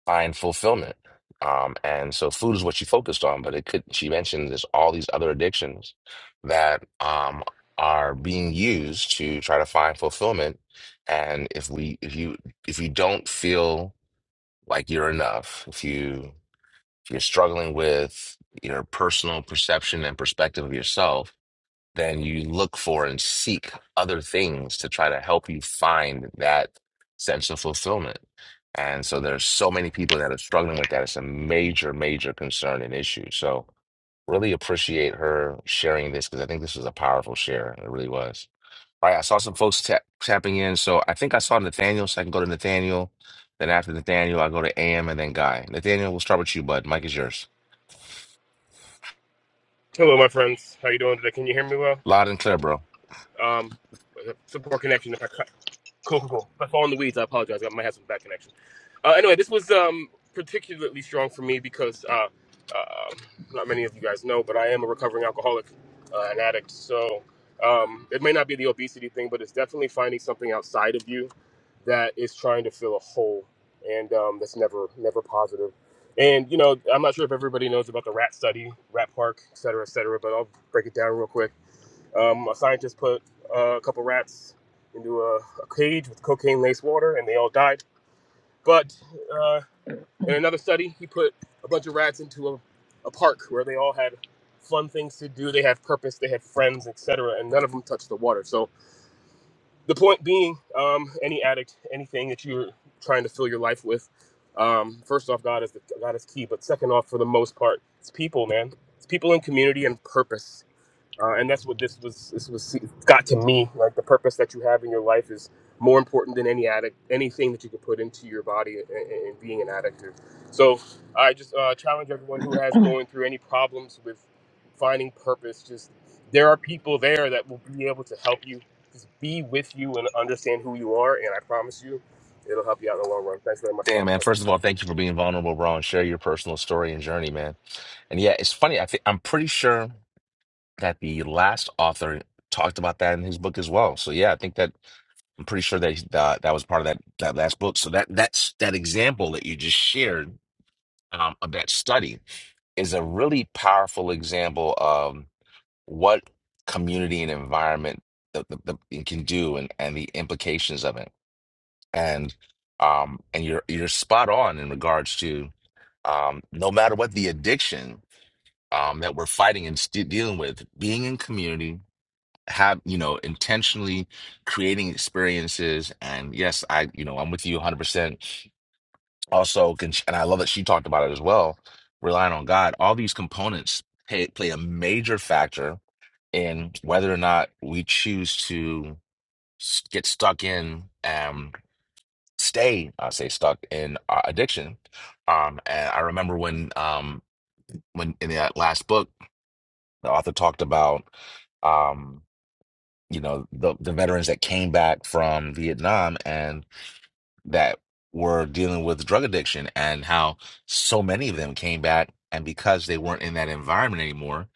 Speaker 1: find fulfillment. Um, and so, food is what she focused on, but it could. She mentioned there's all these other addictions that um are being used to try to find fulfillment. And if we, if you, if you don't feel like you're enough. If you if you're struggling with your personal perception and perspective of yourself, then you look for and seek other things to try to help you find that sense of fulfillment. And so there's so many people that are struggling with that. It's a major, major concern and issue. So really appreciate her sharing this because I think this was a powerful share. It really was. All right, I saw some folks tap, tapping in. So I think I saw Nathaniel, so I can go to Nathaniel. Then after Nathaniel, I go to AM and then Guy. Nathaniel, we'll start with you, bud. Mike is yours.
Speaker 7: Hello, my friends. How you doing today? Can you hear me well?
Speaker 1: Loud and clear, bro.
Speaker 7: Um, it's poor connection. If I, cut- Cool, cool, cool. If I fall in the weeds, I apologize. I might have some bad connection. Uh, anyway, this was um, particularly strong for me because uh, uh, not many of you guys know, but I am a recovering alcoholic, uh, an addict. So um, it may not be the obesity thing, but it's definitely finding something outside of you that is trying to fill a hole, and um, that's never never positive. And you know, I'm not sure if everybody knows about the rat study, rat park, et cetera, et cetera. But I'll break it down real quick. Um, a scientist put uh, a couple rats into a, a cage with cocaine laced water, and they all died. But uh, in another study, he put a bunch of rats into a, a park where they all had fun things to do. They had purpose, they had friends, etc., and none of them touched the water. So the point being, um, any addict, anything that you're trying to fill your life with, um, first off, God is the, God is key. But second off, for the most part, it's people, man. It's people in community and purpose uh, and that's what this was. This was got to me. Like the purpose that you have in your life is more important than any addict, anything that you can put into your body and, and being an addict. So I just uh, challenge everyone who has going through any problems with finding purpose. Just there are people there that will be able to help you. Just be with you and understand who you are, and I promise you, it'll help you out in the long run. Thanks very much, son.
Speaker 1: Damn, man.
Speaker 7: Talk to you
Speaker 1: First
Speaker 7: soon.
Speaker 1: of all, thank you for being vulnerable, bro, and share your personal story and journey, man. And yeah, it's funny. I think I'm pretty sure that the last author talked about that in his book as well. So yeah, I think that I'm pretty sure that uh, that was part of that that last book. So that that's that example that you just shared um, of that study is a really powerful example of what community and environment the, the, the, it can do and, and the implications of it. And um and you're you're spot on in regards to um no matter what the addiction um that we're fighting and st- dealing with, being in community, have you know intentionally creating experiences and yes, I you know I'm with you 100% also can and i love that she talked about it as well relying on god all these components pay, play a major factor in whether or not we choose to s- get stuck in and stay i say stuck in uh, addiction um and i remember when um when in that last book the author talked about um you know the the veterans that came back from vietnam that were dealing with drug addiction and how so many of them came back and because they weren't in that environment anymore,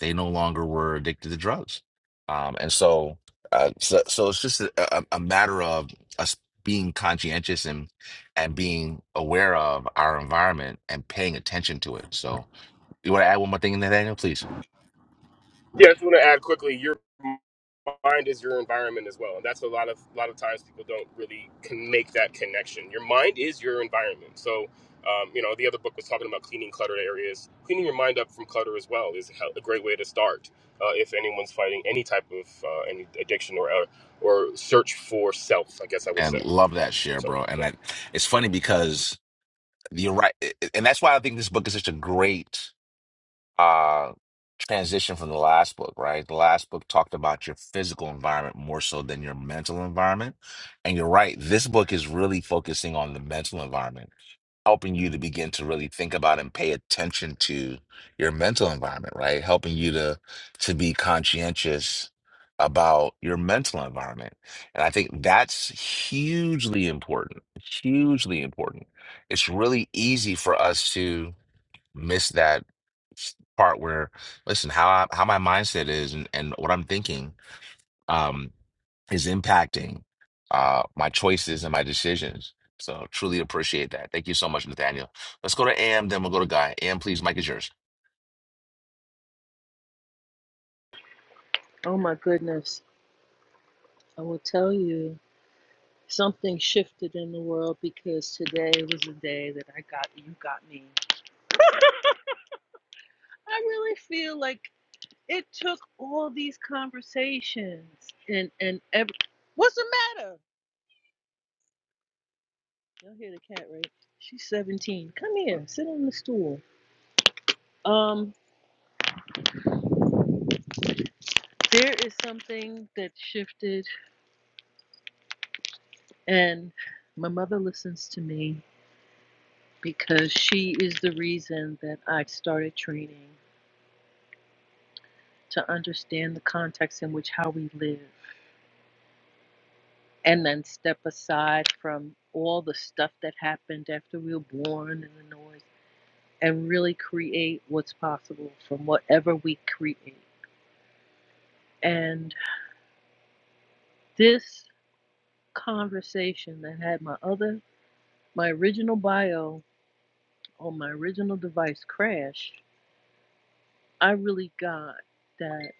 Speaker 1: they no longer were addicted to drugs. Um, and so, uh, so, so it's just a, a, a matter of us being conscientious and and being aware of our environment and paying attention to it. So, you want to add one more thing in there, Daniel, please?
Speaker 7: Yeah, I just want to add quickly. Your mind is your environment as well, and that's a lot of a lot of times people don't really can make that connection. Your mind is your environment. So, um, you know, the other book was talking about cleaning cluttered areas. Cleaning your mind up from clutter as well is a great way to start uh, if anyone's fighting any type of uh, any addiction or uh, or search for self. I guess I would
Speaker 1: And
Speaker 7: say
Speaker 1: love that share,
Speaker 7: so.
Speaker 1: bro.
Speaker 7: yeah.
Speaker 1: And I, it's funny because you're right, and that's why I think this book is such a great uh transition from the last book, right? The last book talked about your physical environment more so than your mental environment. And you're right, this book is really focusing on the mental environment, helping you to begin to really think about and pay attention to your mental environment, right? Helping you to to be conscientious about your mental environment. And I think that's hugely important. Hugely important. It's really easy for us to miss that s- part where listen how I, how my mindset is and, and what I'm thinking um is impacting uh my choices and my decisions. So truly appreciate that. Thank you so much, Nathaniel. Let's go to AM, then we'll go to Guy. AM, please, Mike is yours.
Speaker 6: oh my goodness i will tell you something shifted in the world because today was a day that i got you got me i really feel like It took all these conversations and and every, what's the matter? Y'all hear the cat, right? She's 17. Come here, sit on the stool. Um, there is something that shifted, and my mother listens to me because she is the reason that I started training to understand the context in which how we live, and then step aside from all the stuff that happened after we were born and the noise. and really create what's possible from whatever we create. And this conversation that had my other, my original bio on my original device crash, I really got that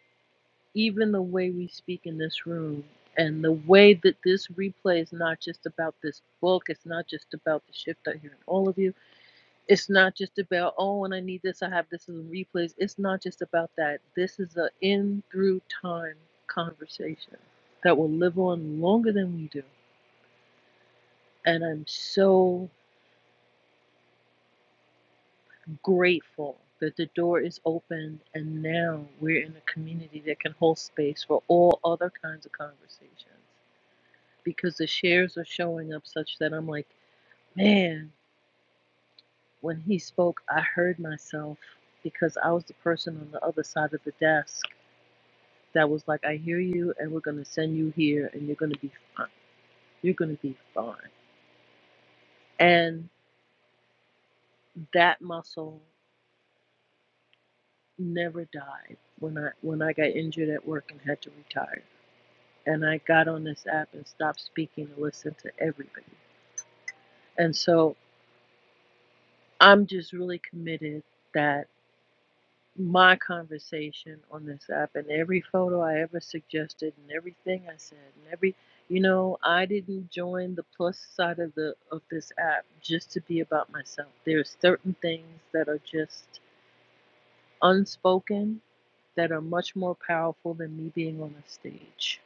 Speaker 6: even the way we speak in this room and the way that this replay is not just about this book, it's not just about the shift I hear in all of you It's not just about, oh, when I need this, I have this in replays. It's not just about that. This is an in through time conversation that will live on longer than we do. And I'm so grateful that the door is open and now we're in a community that can hold space for all other kinds of conversations because the shares are showing up such that I'm like, man, when he spoke, I heard myself because I was the person on the other side of the desk that was like, I hear you, and we're going to send you here, and you're going to be fine. You're going to be fine. And that muscle never died when I when I got injured at work and had to retire. And I got on this app and stopped speaking to listen to everybody. And so I'm just really committed that. my conversation on this app and every photo I ever suggested and everything I said and every you know I didn't join the plus side of the of this app just to be about myself. There's certain things that are just unspoken that are much more powerful than me being on a stage.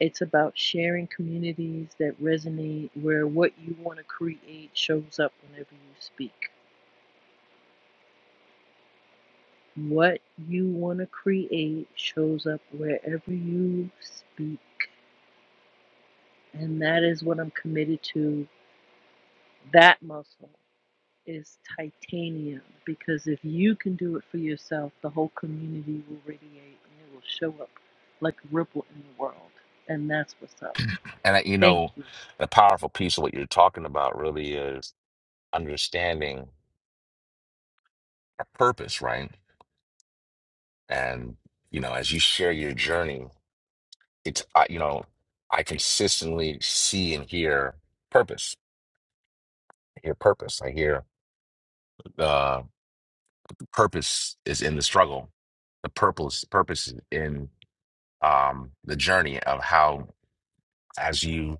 Speaker 6: It's about sharing communities that resonate where what you want to create shows up whenever you speak. What you want to create shows up wherever you speak. And that is what I'm committed to. That muscle is titanium because if you can do it for yourself, the whole community will radiate and it will show up like a ripple in the world. And that's what's up.
Speaker 1: And I, you
Speaker 6: Thank
Speaker 1: know,
Speaker 6: you.
Speaker 1: the powerful piece of what you're talking about really is understanding our purpose, right? And, you know, as you share your journey, it's, I you know, I consistently see and hear purpose. I hear purpose. I hear the purpose is in the struggle. The purpose, purpose is in um, the journey of how, as you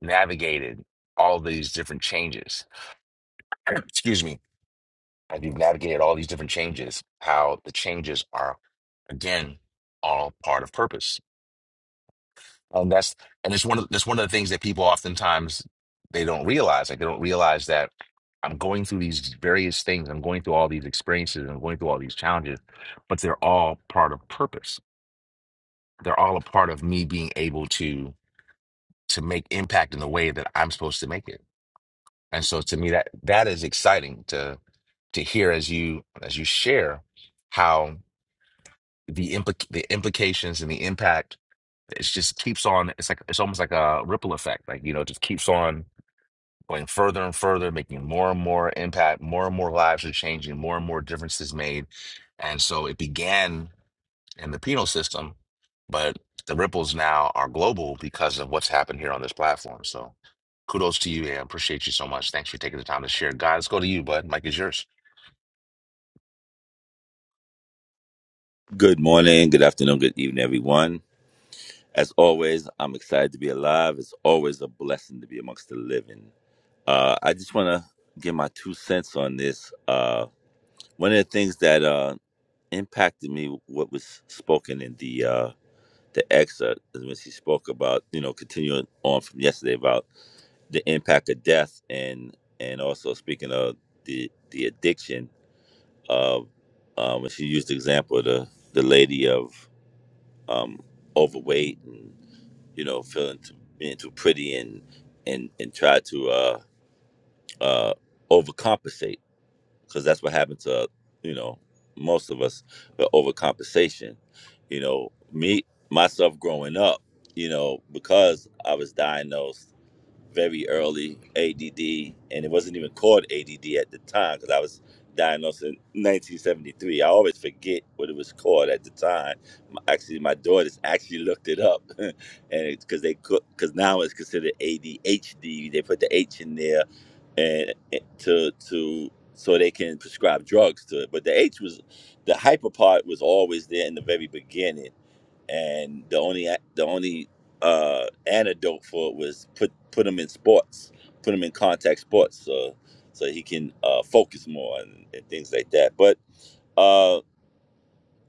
Speaker 1: navigated all these different changes, excuse me, as you've navigated all these different changes, how the changes are, again, all part of purpose And that's and it's one of that's one of the things that people oftentimes they don't realize. Like they don't realize that I'm going through these various things. I'm going through all these experiences. I'm going through all these challenges, but they're all part of purpose. They're all a part of me being able to to make impact in the way that I'm supposed to make it. And so to me that that is exciting to to hear as you as you share how the implic the implications and the impact it just keeps on it's like it's almost like a ripple effect like you know it just keeps on going further and further, making more and more impact, more and more lives are changing, more and more differences made. And so it began in the penal system, but the ripples now are global because of what's happened here on this platform. So kudos to you and appreciate you so much. Thanks for taking the time to share. God, let's go to you, bud. Mike is yours.
Speaker 8: Good morning, good afternoon, good evening, everyone. As always, I'm excited to be alive. It's always a blessing to be amongst the living. Uh, I just want to give my two cents on this. Uh, one of the things that uh, impacted me, what was spoken in the uh, the excerpt, is when she spoke about, you know, continuing on from yesterday about the impact of death, and and also speaking of the the addiction of uh, when she used the example of the the lady of um, overweight and you know feeling too, being too pretty and and and try to uh, uh, overcompensate because that's what happened to uh, you know most of us the overcompensation. You know me myself growing up, you know because I was diagnosed very early ADD, and it wasn't even called ADD at the time because I was diagnosed in 1973. I always forget what it was called at the time. My, actually, my daughters actually looked it up, and it's because they because now it's considered ADHD. They put the H in there, and and to to so they can prescribe drugs to it. But the H was the hyper part was always there in the very beginning and the only the only uh, antidote for it was put put him in sports, put him in contact sports, so so he can uh, focus more and, and things like that. But uh,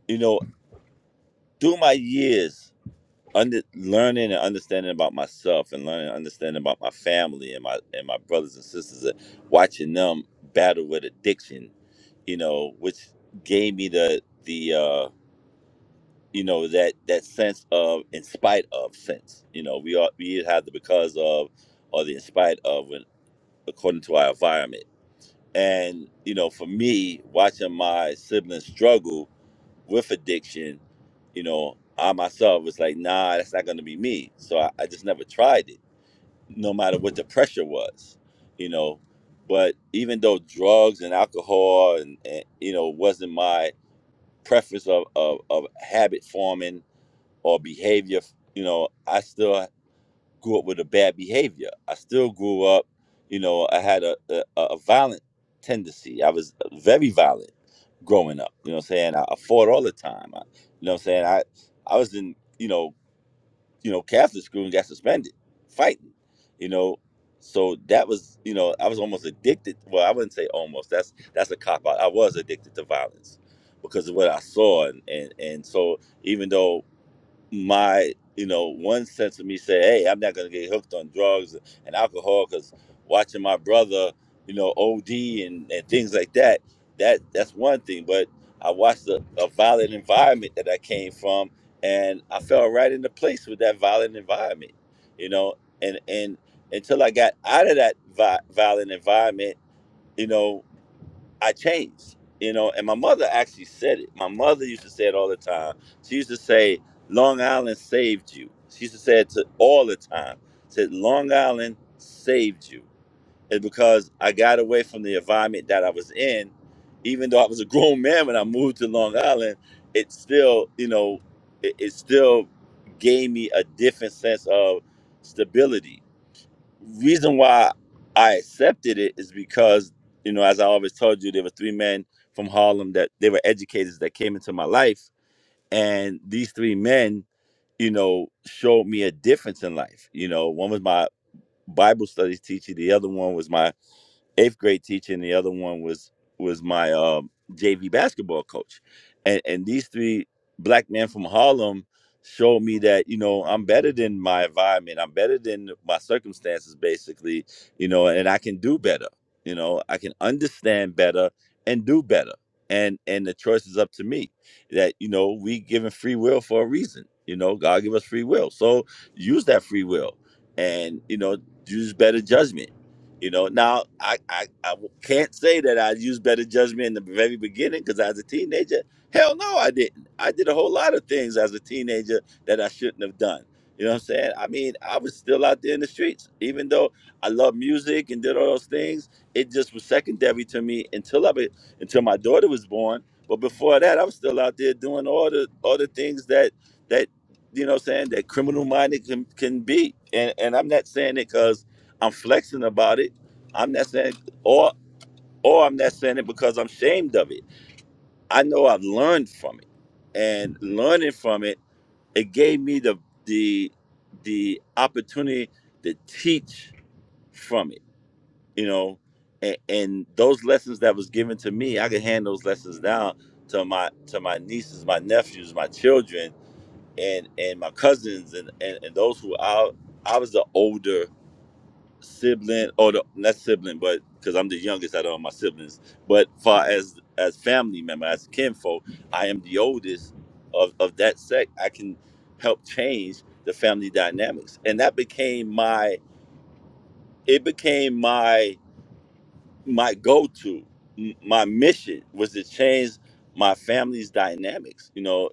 Speaker 8: you know, through my years under learning and understanding about myself and learning and understanding about my family and my and my brothers and sisters and watching them battle with addiction, you know, which gave me the the uh you know that that sense of in spite of sense you know we are we either have the because of or the in spite of when, according to our environment and you know for me watching my siblings struggle with addiction you know i myself was like nah that's not going to be me so I, I just never tried it no matter what the pressure was you know but even though drugs and alcohol and, and you know wasn't my preference of, of, of habit forming or behavior. You know, I still grew up with a bad behavior. I still grew up, you know, I had a, a, a violent tendency. I was very violent growing up. You know what I'm saying? I, I fought all the time. I, you know what I'm saying? I I was in, you know, you know, Catholic school and got suspended fighting, you know. So that was, you know, I was almost addicted. Well, I wouldn't say almost. That's that's a cop out. I was addicted to violence because of what I saw and, and, and so even though my you know one sense of me say hey i'm not going to get hooked on drugs and alcohol because watching my brother you know od and, and things like that that that's one thing but i watched a, a violent environment that i came from and i fell right into place with that violent environment you know and and until i got out of that vi- violent environment you know I changed, you know. And my mother actually said it. My mother used to say it all the time. She used to say, "Long Island saved you." She used to say it to all the time. Said, "Long Island saved you," it's because I got away from the environment that I was in. Even though I was a grown man when I moved to Long Island, it still, you know, it, it still gave me a different sense of stability reason why I accepted it is because, you know, as I always told you, there were three men from Harlem that they were educators that came into my life. And these three men, you know, showed me a difference in life. You know, one was my Bible studies teacher, the other one was my eighth grade teacher, and the other one was was my um, JV basketball coach, and and these three black men from Harlem showed me that you know I'm better than my environment, I'm better than my circumstances, basically, you know, and I can do better, you know, I can understand better and do better, and and the choice is up to me. That you know we given free will for a reason, you know, God give us free will, so use that free will, and you know use better judgment you know, now I I I, I w- can't say that I used better judgment in the very beginning because as a teenager, hell no, I didn't. I did a whole lot of things as a teenager that I shouldn't have done. You know what I'm saying? I mean, I was still out there in the streets, even though I loved music and did all those things. It just was secondary to me until I be, until my daughter was born. But before that, I was still out there doing all the all the things that that you know, what I'm saying that criminal minded can can be. And and I'm not saying it because. I'm flexing about it. I'm not saying, or or I'm not saying it because I'm ashamed of it. I know I've learned from it, and learning from it, it gave me the the the opportunity to teach from it. You know, and, and those lessons that was given to me, I could hand those lessons down to my to my nieces, my nephews, my children, and and my cousins, and and, and those who I I was the older sibling or the, not sibling but because i'm the youngest out of all my siblings but far as as family member as kinfolk i am the oldest of, of that sect i can help change the family dynamics and that became my it became my my go-to my mission was to change my family's dynamics you know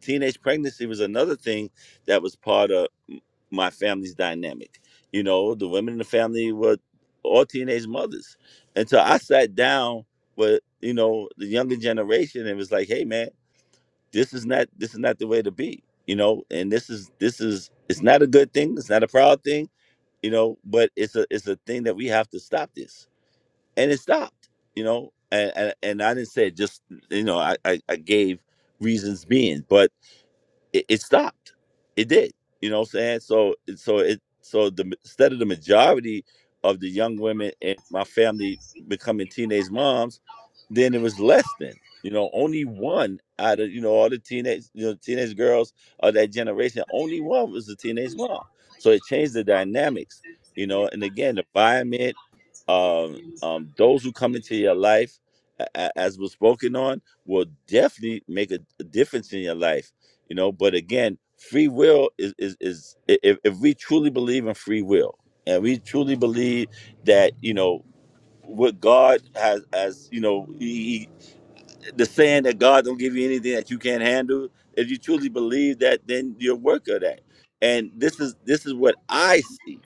Speaker 8: teenage pregnancy was another thing that was part of m- my family's dynamic. You know, the women in the family were all teenage mothers. And so I sat down with, you know, the younger generation and was like, hey man, this is not this is not the way to be. You know, and this is this is it's not a good thing, it's not a proud thing, you know, but it's a it's a thing that we have to stop this. And it stopped, you know. And and, and I didn't say it just you know, I, I, I gave reasons being. But it, it stopped. It did. You know what I'm saying? So so it so the instead of the majority of the young women in my family becoming teenage moms, then it was less than. You know, only one out of you know all the teenage you know teenage girls of that generation, only one was a teenage mom. So it changed the dynamics. You know, and again, the environment, um, um, those who come into your life, a- a- as was spoken on, will definitely make a, a difference in your life you know but again free will is is, is if, if we truly believe in free will and we truly believe that you know what god has as you know he, he- the saying that god don't give you anything that you can't handle if you truly believe that then you're a work of that and this is this is what i see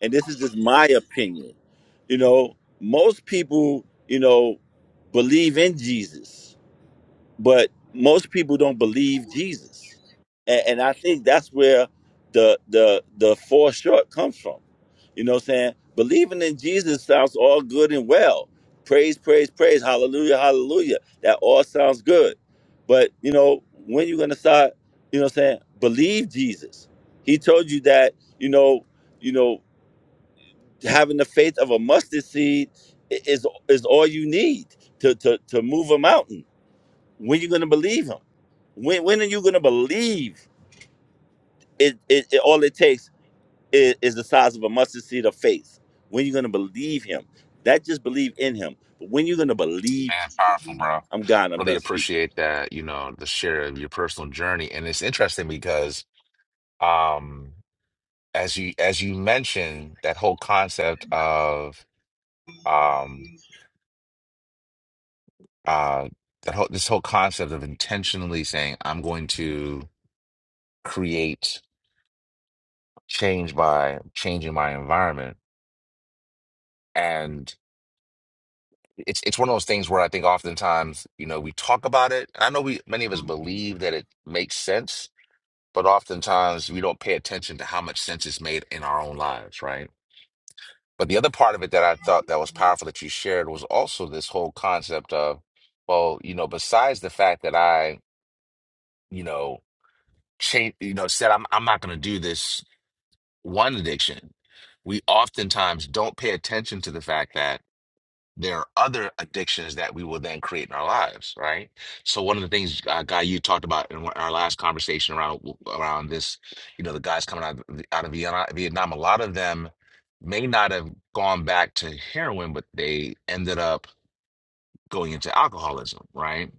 Speaker 8: and this is just my opinion you know most people you know believe in jesus but most people don't believe Jesus, and, and I think that's where the the the fall short comes from. You know, what I'm saying believing in Jesus sounds all good and well. Praise, praise, praise, hallelujah, hallelujah. That all sounds good, but you know when you're gonna start, you know, what I'm saying believe Jesus. He told you that you know, you know, having the faith of a mustard seed i- is is all you need to to to move a mountain when you gonna believe him? When when are you gonna believe? It, it, it all it takes is, is the size of a mustard seed of faith. When you gonna believe him? That just believe in him. But when you gonna believe
Speaker 1: Man, powerful,
Speaker 8: Jesus?
Speaker 1: bro.
Speaker 8: I'm God. I'm
Speaker 1: Really
Speaker 8: done speaking.
Speaker 1: appreciate that, you know, the share of your personal journey. And it's interesting because um as you as you mentioned that whole concept of um uh that whole this whole concept of intentionally saying I'm going to create change by changing my environment. And it's it's one of those things where I think oftentimes, you know, we talk about it. I know we many of us believe that it makes sense but oftentimes we don't pay attention to how much sense is made in our own lives, right? But the other part of it that I thought that was powerful that you shared was also this whole concept of, well, you know, besides the fact that I, you know, change, you know, said I'm I'm not going to do this one addiction, we oftentimes don't pay attention to the fact that there are other addictions that we will then create in our lives, right? So one of the things, uh, Guy, you talked about in our last conversation around around this, you know, the guys coming out of, out of Vienna, Vietnam, a lot of them may not have gone back to heroin, but they ended up going into alcoholism, right?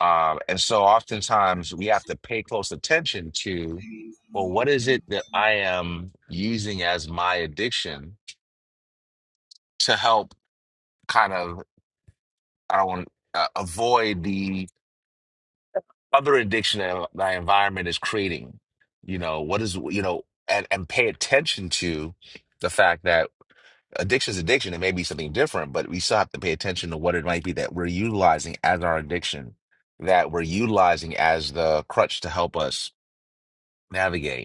Speaker 1: Uh, and so oftentimes we have to pay close attention to, well, what is it that I am using as my addiction to help kind of, I don't want uh, avoid the other addiction that my environment is creating. You know, what is, you know, and, and pay attention to the fact that addiction is addiction. It may be something different, but we still have to pay attention to what it might be that we're utilizing as our addiction, that we're utilizing as the crutch to help us navigate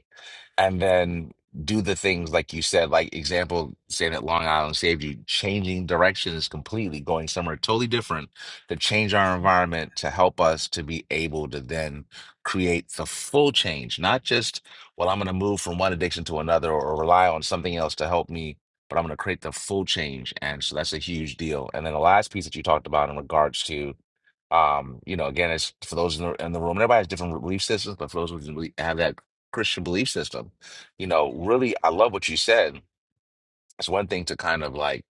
Speaker 1: and then do the things like you said, like example, saying that Long Island saved you, changing directions completely, going somewhere totally different to change our environment to help us to be able to then create the full change, not just, well, I'm going to move from one addiction to another or rely on something else to help me, but I'm going to create the full change. And so that's a huge deal. And then the last piece that you talked about in regards to um, you know, again, it's for those in the in the room. Everybody has different belief systems, but for those who really have that Christian belief system, you know, really, I love what you said. It's one thing to kind of like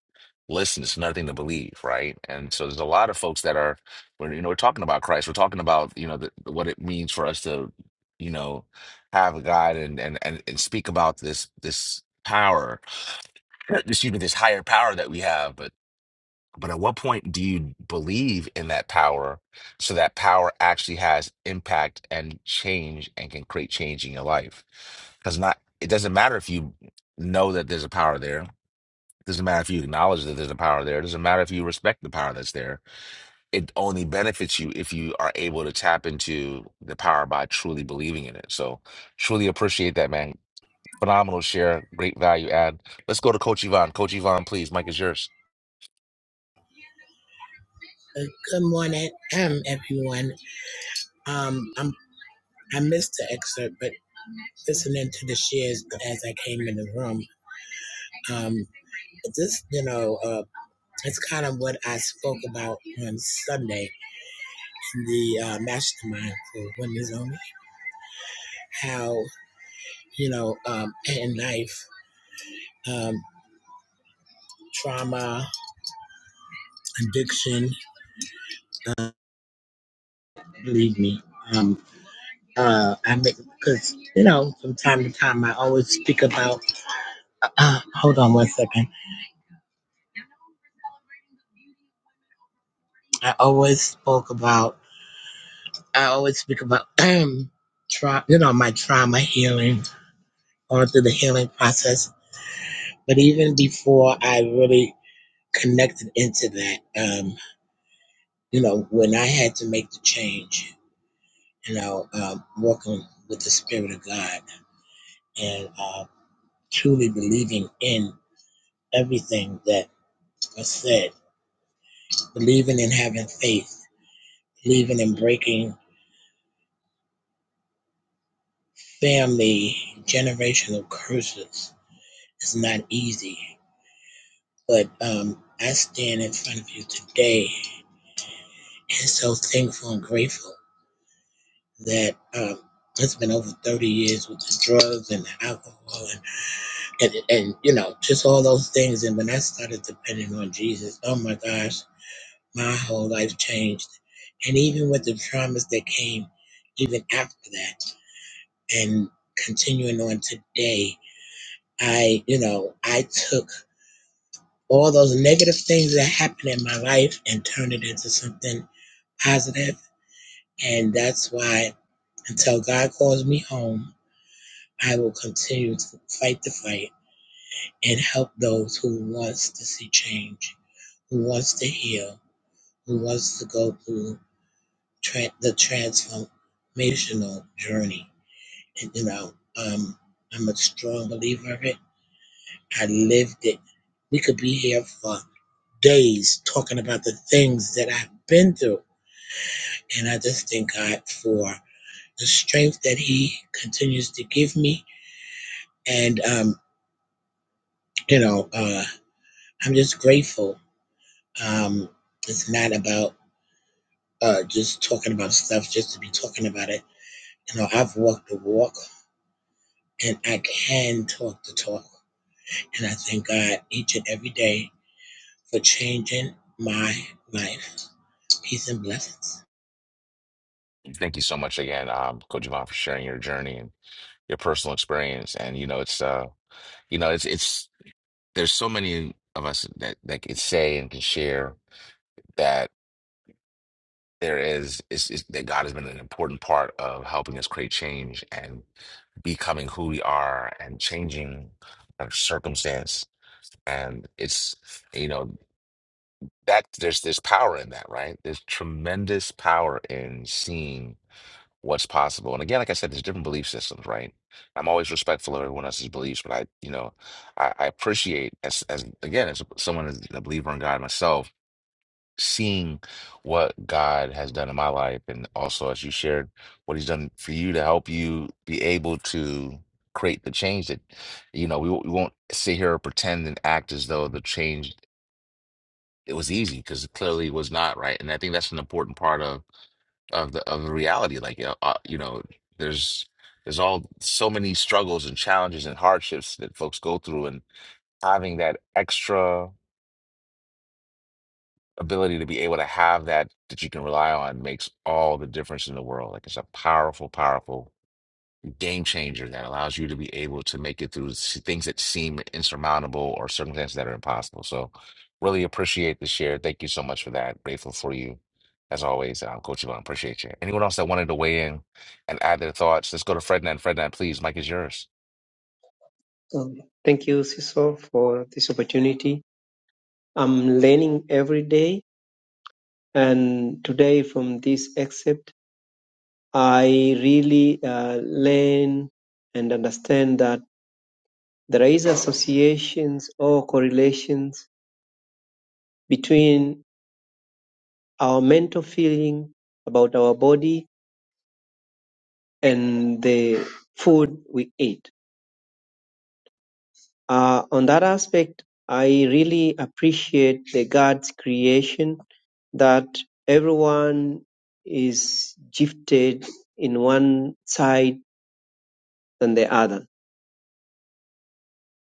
Speaker 1: listen; it's another thing to believe, right? And so, there's a lot of folks that are, we're, you know, we're talking about Christ. We're talking about you know the, what it means for us to, you know, have a God and and and, and speak about this this power, excuse me, this higher power that we have, but but at what point do you believe in that power so that power actually has impact and change and can create change in your life? Because not it doesn't matter if you know that there's a power there. It doesn't matter if you acknowledge that there's a power there. It doesn't matter if you respect the power that's there. It only benefits you if you are able to tap into the power by truly believing in it. So truly appreciate that, man. Phenomenal share, great value add. Let's go to Coach Yvonne. Coach Yvonne, please. Mike is yours.
Speaker 9: Good morning, um, everyone. Um, I'm, I missed the excerpt, but listening to the shares as I came in the room, um, this, you know, uh, it's kind of what I spoke about on Sunday in the uh, mastermind for women's only. How you know, um, in life, um, trauma, addiction, uh, believe me, um, uh, I make because you know, from time to time, I always speak about. Uh, uh, hold on one second. I always spoke about, I always speak about, tra- you know, my trauma healing, going through the healing process. But even before I really connected into that, um, you know, when I had to make the change, you know, um, working with the Spirit of God and uh, truly believing in everything that was said, believing in having faith, believing in breaking family generational curses. is not easy But um, I stand in front of you today and so thankful and grateful that um, it's been over 30 years with the drugs and the alcohol and, and, and, you know, just all those things. And when I started depending on Jesus, oh my gosh, my whole life changed. And even with the traumas that came even after that and continuing on today, I, you know, I took all those negative things that happened in my life and turned it into something positive, and that's why until God calls me home, I will continue to fight the fight and help those who wants to see change, who wants to heal, who wants to go through tra- the transformational journey. And you know, um, I'm a strong believer of it. I lived it. We could be here for days talking about the things that I've been through, and I just thank God for. the strength that He continues to give me. And, um, you know, uh, I'm just grateful. Um, it's not about uh, just talking about stuff just to be talking about it. You know, I've walked the walk and I can talk the talk. And I thank God each and every day for changing my life. Peace and blessings.
Speaker 1: Thank you so much again, um, Coach Yvonne, for sharing your journey and your personal experience. And you know, it's uh, you know, it's it's there's so many of us that that can say and can share that there is is, is that God has been an important part of helping us create change and becoming who we are and changing our circumstance. And it's you know that there's there's power in that, right? There's tremendous power in seeing. what's possible. And again, like I said, there's different belief systems, right? I'm always respectful of everyone else's beliefs, but I, you know, I, I appreciate as as again as someone as a believer in God myself, seeing what God has done in my life, and also as you shared what He's done for you to help you be able to create the change that you know we, won't- we won't sit here or pretend and act as though the change it was easy because it clearly was not right and i think that's an important part of of the of the reality. Like you know, uh, you know, there's there's all so many struggles and challenges and hardships that folks go through, and having that extra ability to be able to have that that you can rely on makes all the difference in the world. Like it's a powerful, powerful game changer that allows you to be able to make it through s- things that seem insurmountable or circumstances that are impossible. So, really appreciate the share. Thank you so much for that. Grateful for you. As always, um, Coach Yvonne, appreciate you. Anyone else that wanted to weigh in and add their thoughts, let's go to Frednan. Frednan, please, Mike is yours.
Speaker 10: Um, thank you, Siso, for this opportunity. I'm learning every day, and today from this excerpt, I really uh, learn and understand that there is associations or correlations between our mental feeling about our body and the food we eat. Uh, on that aspect, I really appreciate the God's creation that everyone is gifted in one side than the other.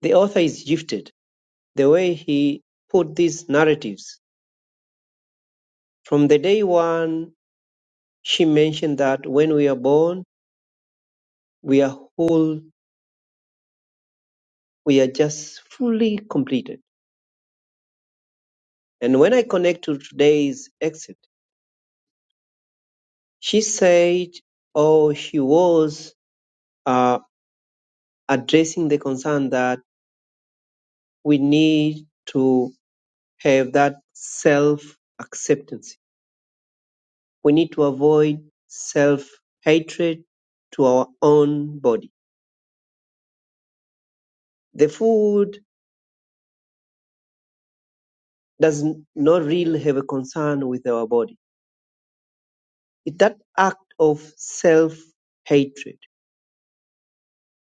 Speaker 10: The author is gifted the way he put these narratives. From the day one, she mentioned that when we are born, we are whole, we are just fully completed. And when I connect to today's exit, she said, oh, she was uh, addressing the concern that we need to have that self acceptance. We need to avoid self hatred to our own body. The food does not really have a concern with our body. It's that act of self hatred.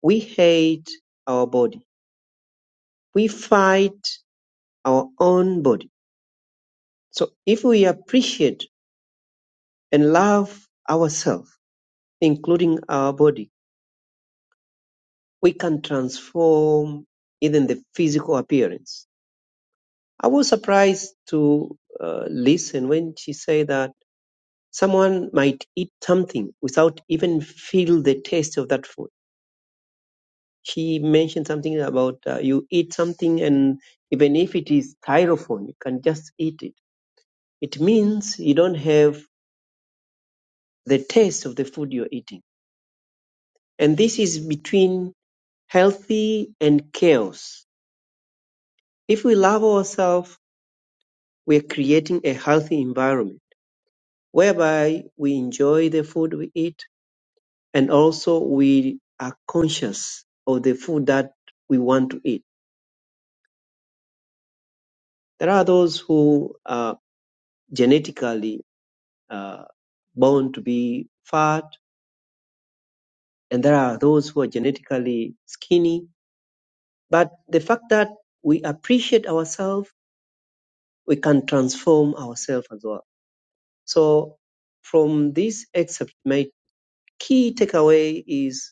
Speaker 10: We hate our body. We fight our own body. So if we appreciate and love ourselves, including our body, we can transform even the physical appearance. I was surprised to uh, listen when she said that someone might eat something without even feel the taste of that food. She mentioned something about uh, you eat something and even if it is styrofoam, you can just eat it. It means you don't have the taste of the food you're eating. And this is between healthy and chaos. If we love ourselves, We're creating a healthy environment whereby we enjoy the food we eat and also we are conscious of the food that we want to eat. There are those who are genetically uh, born to be fat and there are those who are genetically skinny. But the fact that we appreciate ourselves, we can transform ourselves as well. So from this excerpt, my key takeaway is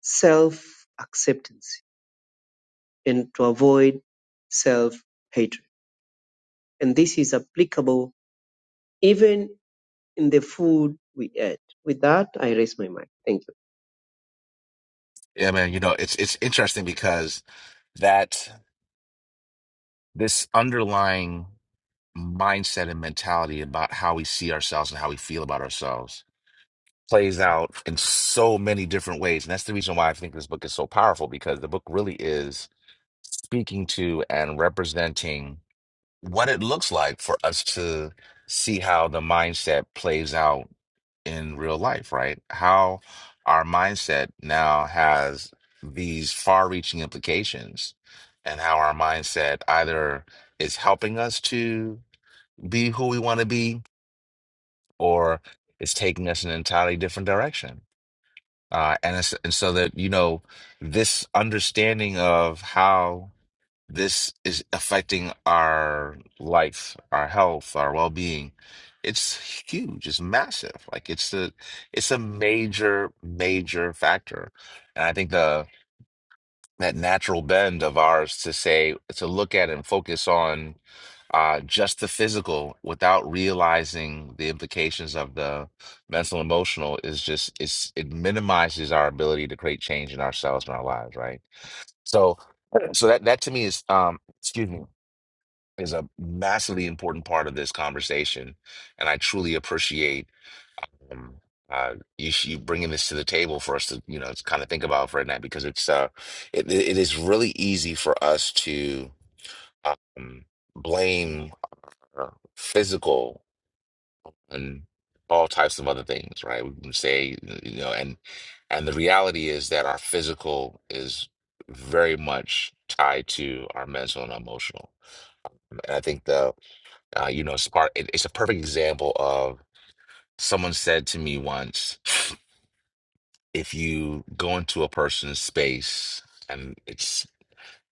Speaker 10: self-acceptance and to avoid self-hatred. And this is applicable even in the food we eat. With that, I raise my mic. Thank you.
Speaker 1: Yeah, man, you know, it's it's interesting because that this underlying mindset and mentality about how we see ourselves and how we feel about ourselves plays out in so many different ways. And that's the reason why I think this book is so powerful because the book really is speaking to and representing what it looks like for us to see how the mindset plays out in real life, right? How our mindset now has these far reaching implications and how our mindset either is helping us to be who we want to be or it's taking us in an entirely different direction Uh, and, it's, and so that, you know, this understanding of how this is affecting our life, our health, our well-being, it's huge. It's massive. Like it's a, it's a major, major factor. And I think the, that natural bend of ours to say, to look at and focus on uh, just the physical without realizing the implications of the mental emotional is just it's it minimizes our ability to create change in ourselves and our lives right so so that that to me is um excuse me is a massively important part of this conversation and I truly appreciate um uh you, you bringing this to the table for us to you know to kind of think about for a night because it's uh it, it is really easy for us to um blame our physical and all types of other things, right? We can say, you know, and and the reality is that our physical is very much tied to our mental and emotional. And I think the uh, you know, it's part. It, it's a perfect example of someone said to me once, if you go into a person's space and it's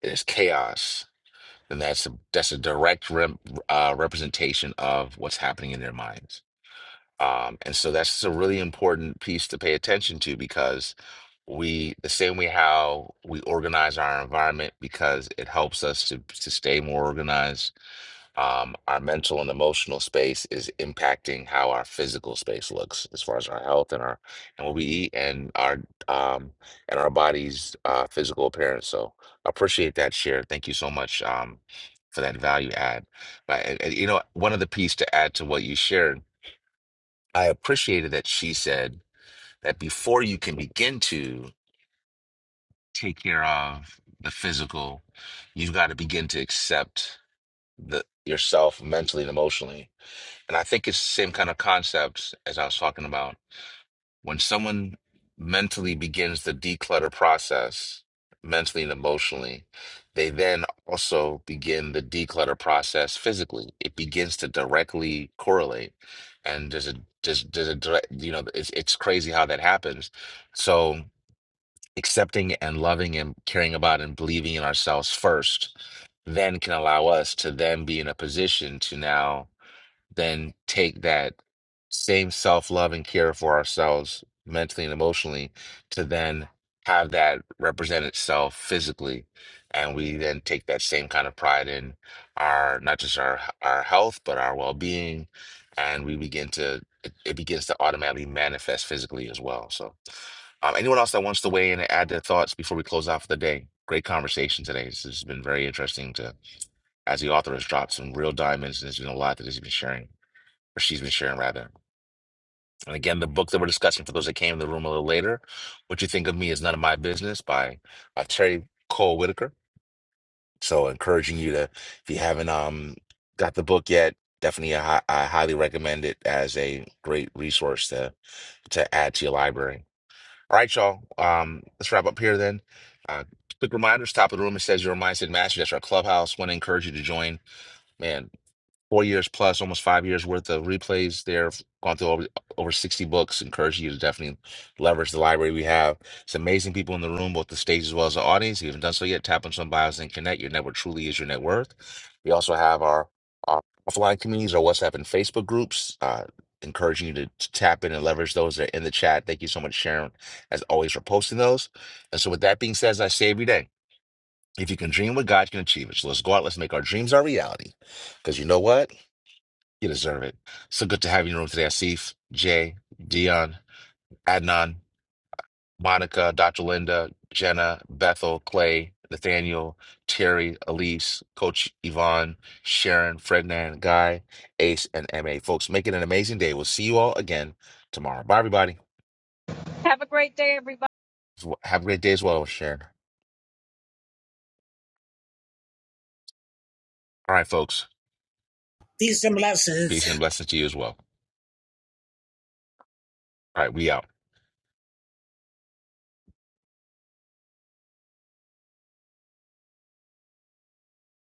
Speaker 1: it's chaos, then that's a that's a direct rem, uh, representation of what's happening in their minds Um, and so that's a really important piece to pay attention to because we, the same way how we organize our environment because it helps us to, to stay more organized, um, our mental and emotional space is impacting how our physical space looks as far as our health and our and what we eat and our um, and our body's uh, physical appearance. So I appreciate that share. Thank you so much um, for that value add. But and- and, you know, one other piece to add to what you shared I appreciated that she said that before you can begin to take care of the physical, you've got to begin to accept the yourself mentally and emotionally. And I think it's the same kind of concept as I was talking about when someone mentally begins the declutter process, mentally and emotionally, they then also begin the declutter process physically. It begins to directly correlate. And there's a there's, there's a direct, you know, it's it's crazy how that happens. So accepting and loving and caring about and believing in ourselves first, then can allow us to then be in a position to now then take that same self-love and care for ourselves mentally and emotionally to then have that represent itself physically and we then take that same kind of pride in our not just our our health but our well-being and we begin to it, it begins to automatically manifest physically as well so um, anyone else that wants to weigh in and add their thoughts before we close out for the day great conversation today this has been very interesting to as the author has dropped some real diamonds and there's been a lot that he's been sharing or she's been sharing rather. And again, the book that we're discussing for those that came in the room a little later, What You Think of Me is None of My Business by uh, Terry Cole Whitaker. So encouraging you to, if you haven't um got the book yet, definitely I, I highly recommend it as a great resource to to add to your library. All right, y'all. Um, let's wrap up here then. Uh, quick reminders, top of the room, it says your mindset mastery. That's our clubhouse. Want to encourage you to join. Man, four years plus, almost five years worth of replays there. I've Gone through over, over 60 books. Encourage you to definitely leverage the library we have. It's amazing people in the room, both the stage as well as the audience. If you haven't done so yet, tap on some bios and connect. Your network truly is your net worth. We also have our, our offline communities, our WhatsApp and Facebook groups. Uh, encouraging you to, to tap in and leverage those that are in the chat. Thank you so much, Sharon, as always, for posting those. And so, with that being said, as I say every day, if you can dream what God can achieve it. So let's go out, let's make our dreams our reality. Because you know what? You deserve it. So good to have you in the room today, Asif, Jay, Dion, Adnan, Monica, Dr. Linda, Jenna, Bethel, Clay, Nathaniel, Terry, Elise, Coach Yvonne, Sharon, Frednan, Guy, Ace, and MA. Folks, make it an amazing day. We'll see you all again tomorrow. Bye, everybody.
Speaker 11: Have a great day, everybody.
Speaker 1: Have a great day as well, Sharon. All right, folks.
Speaker 9: Peace and blessings.
Speaker 1: Peace and blessings to you as well. All right, we out.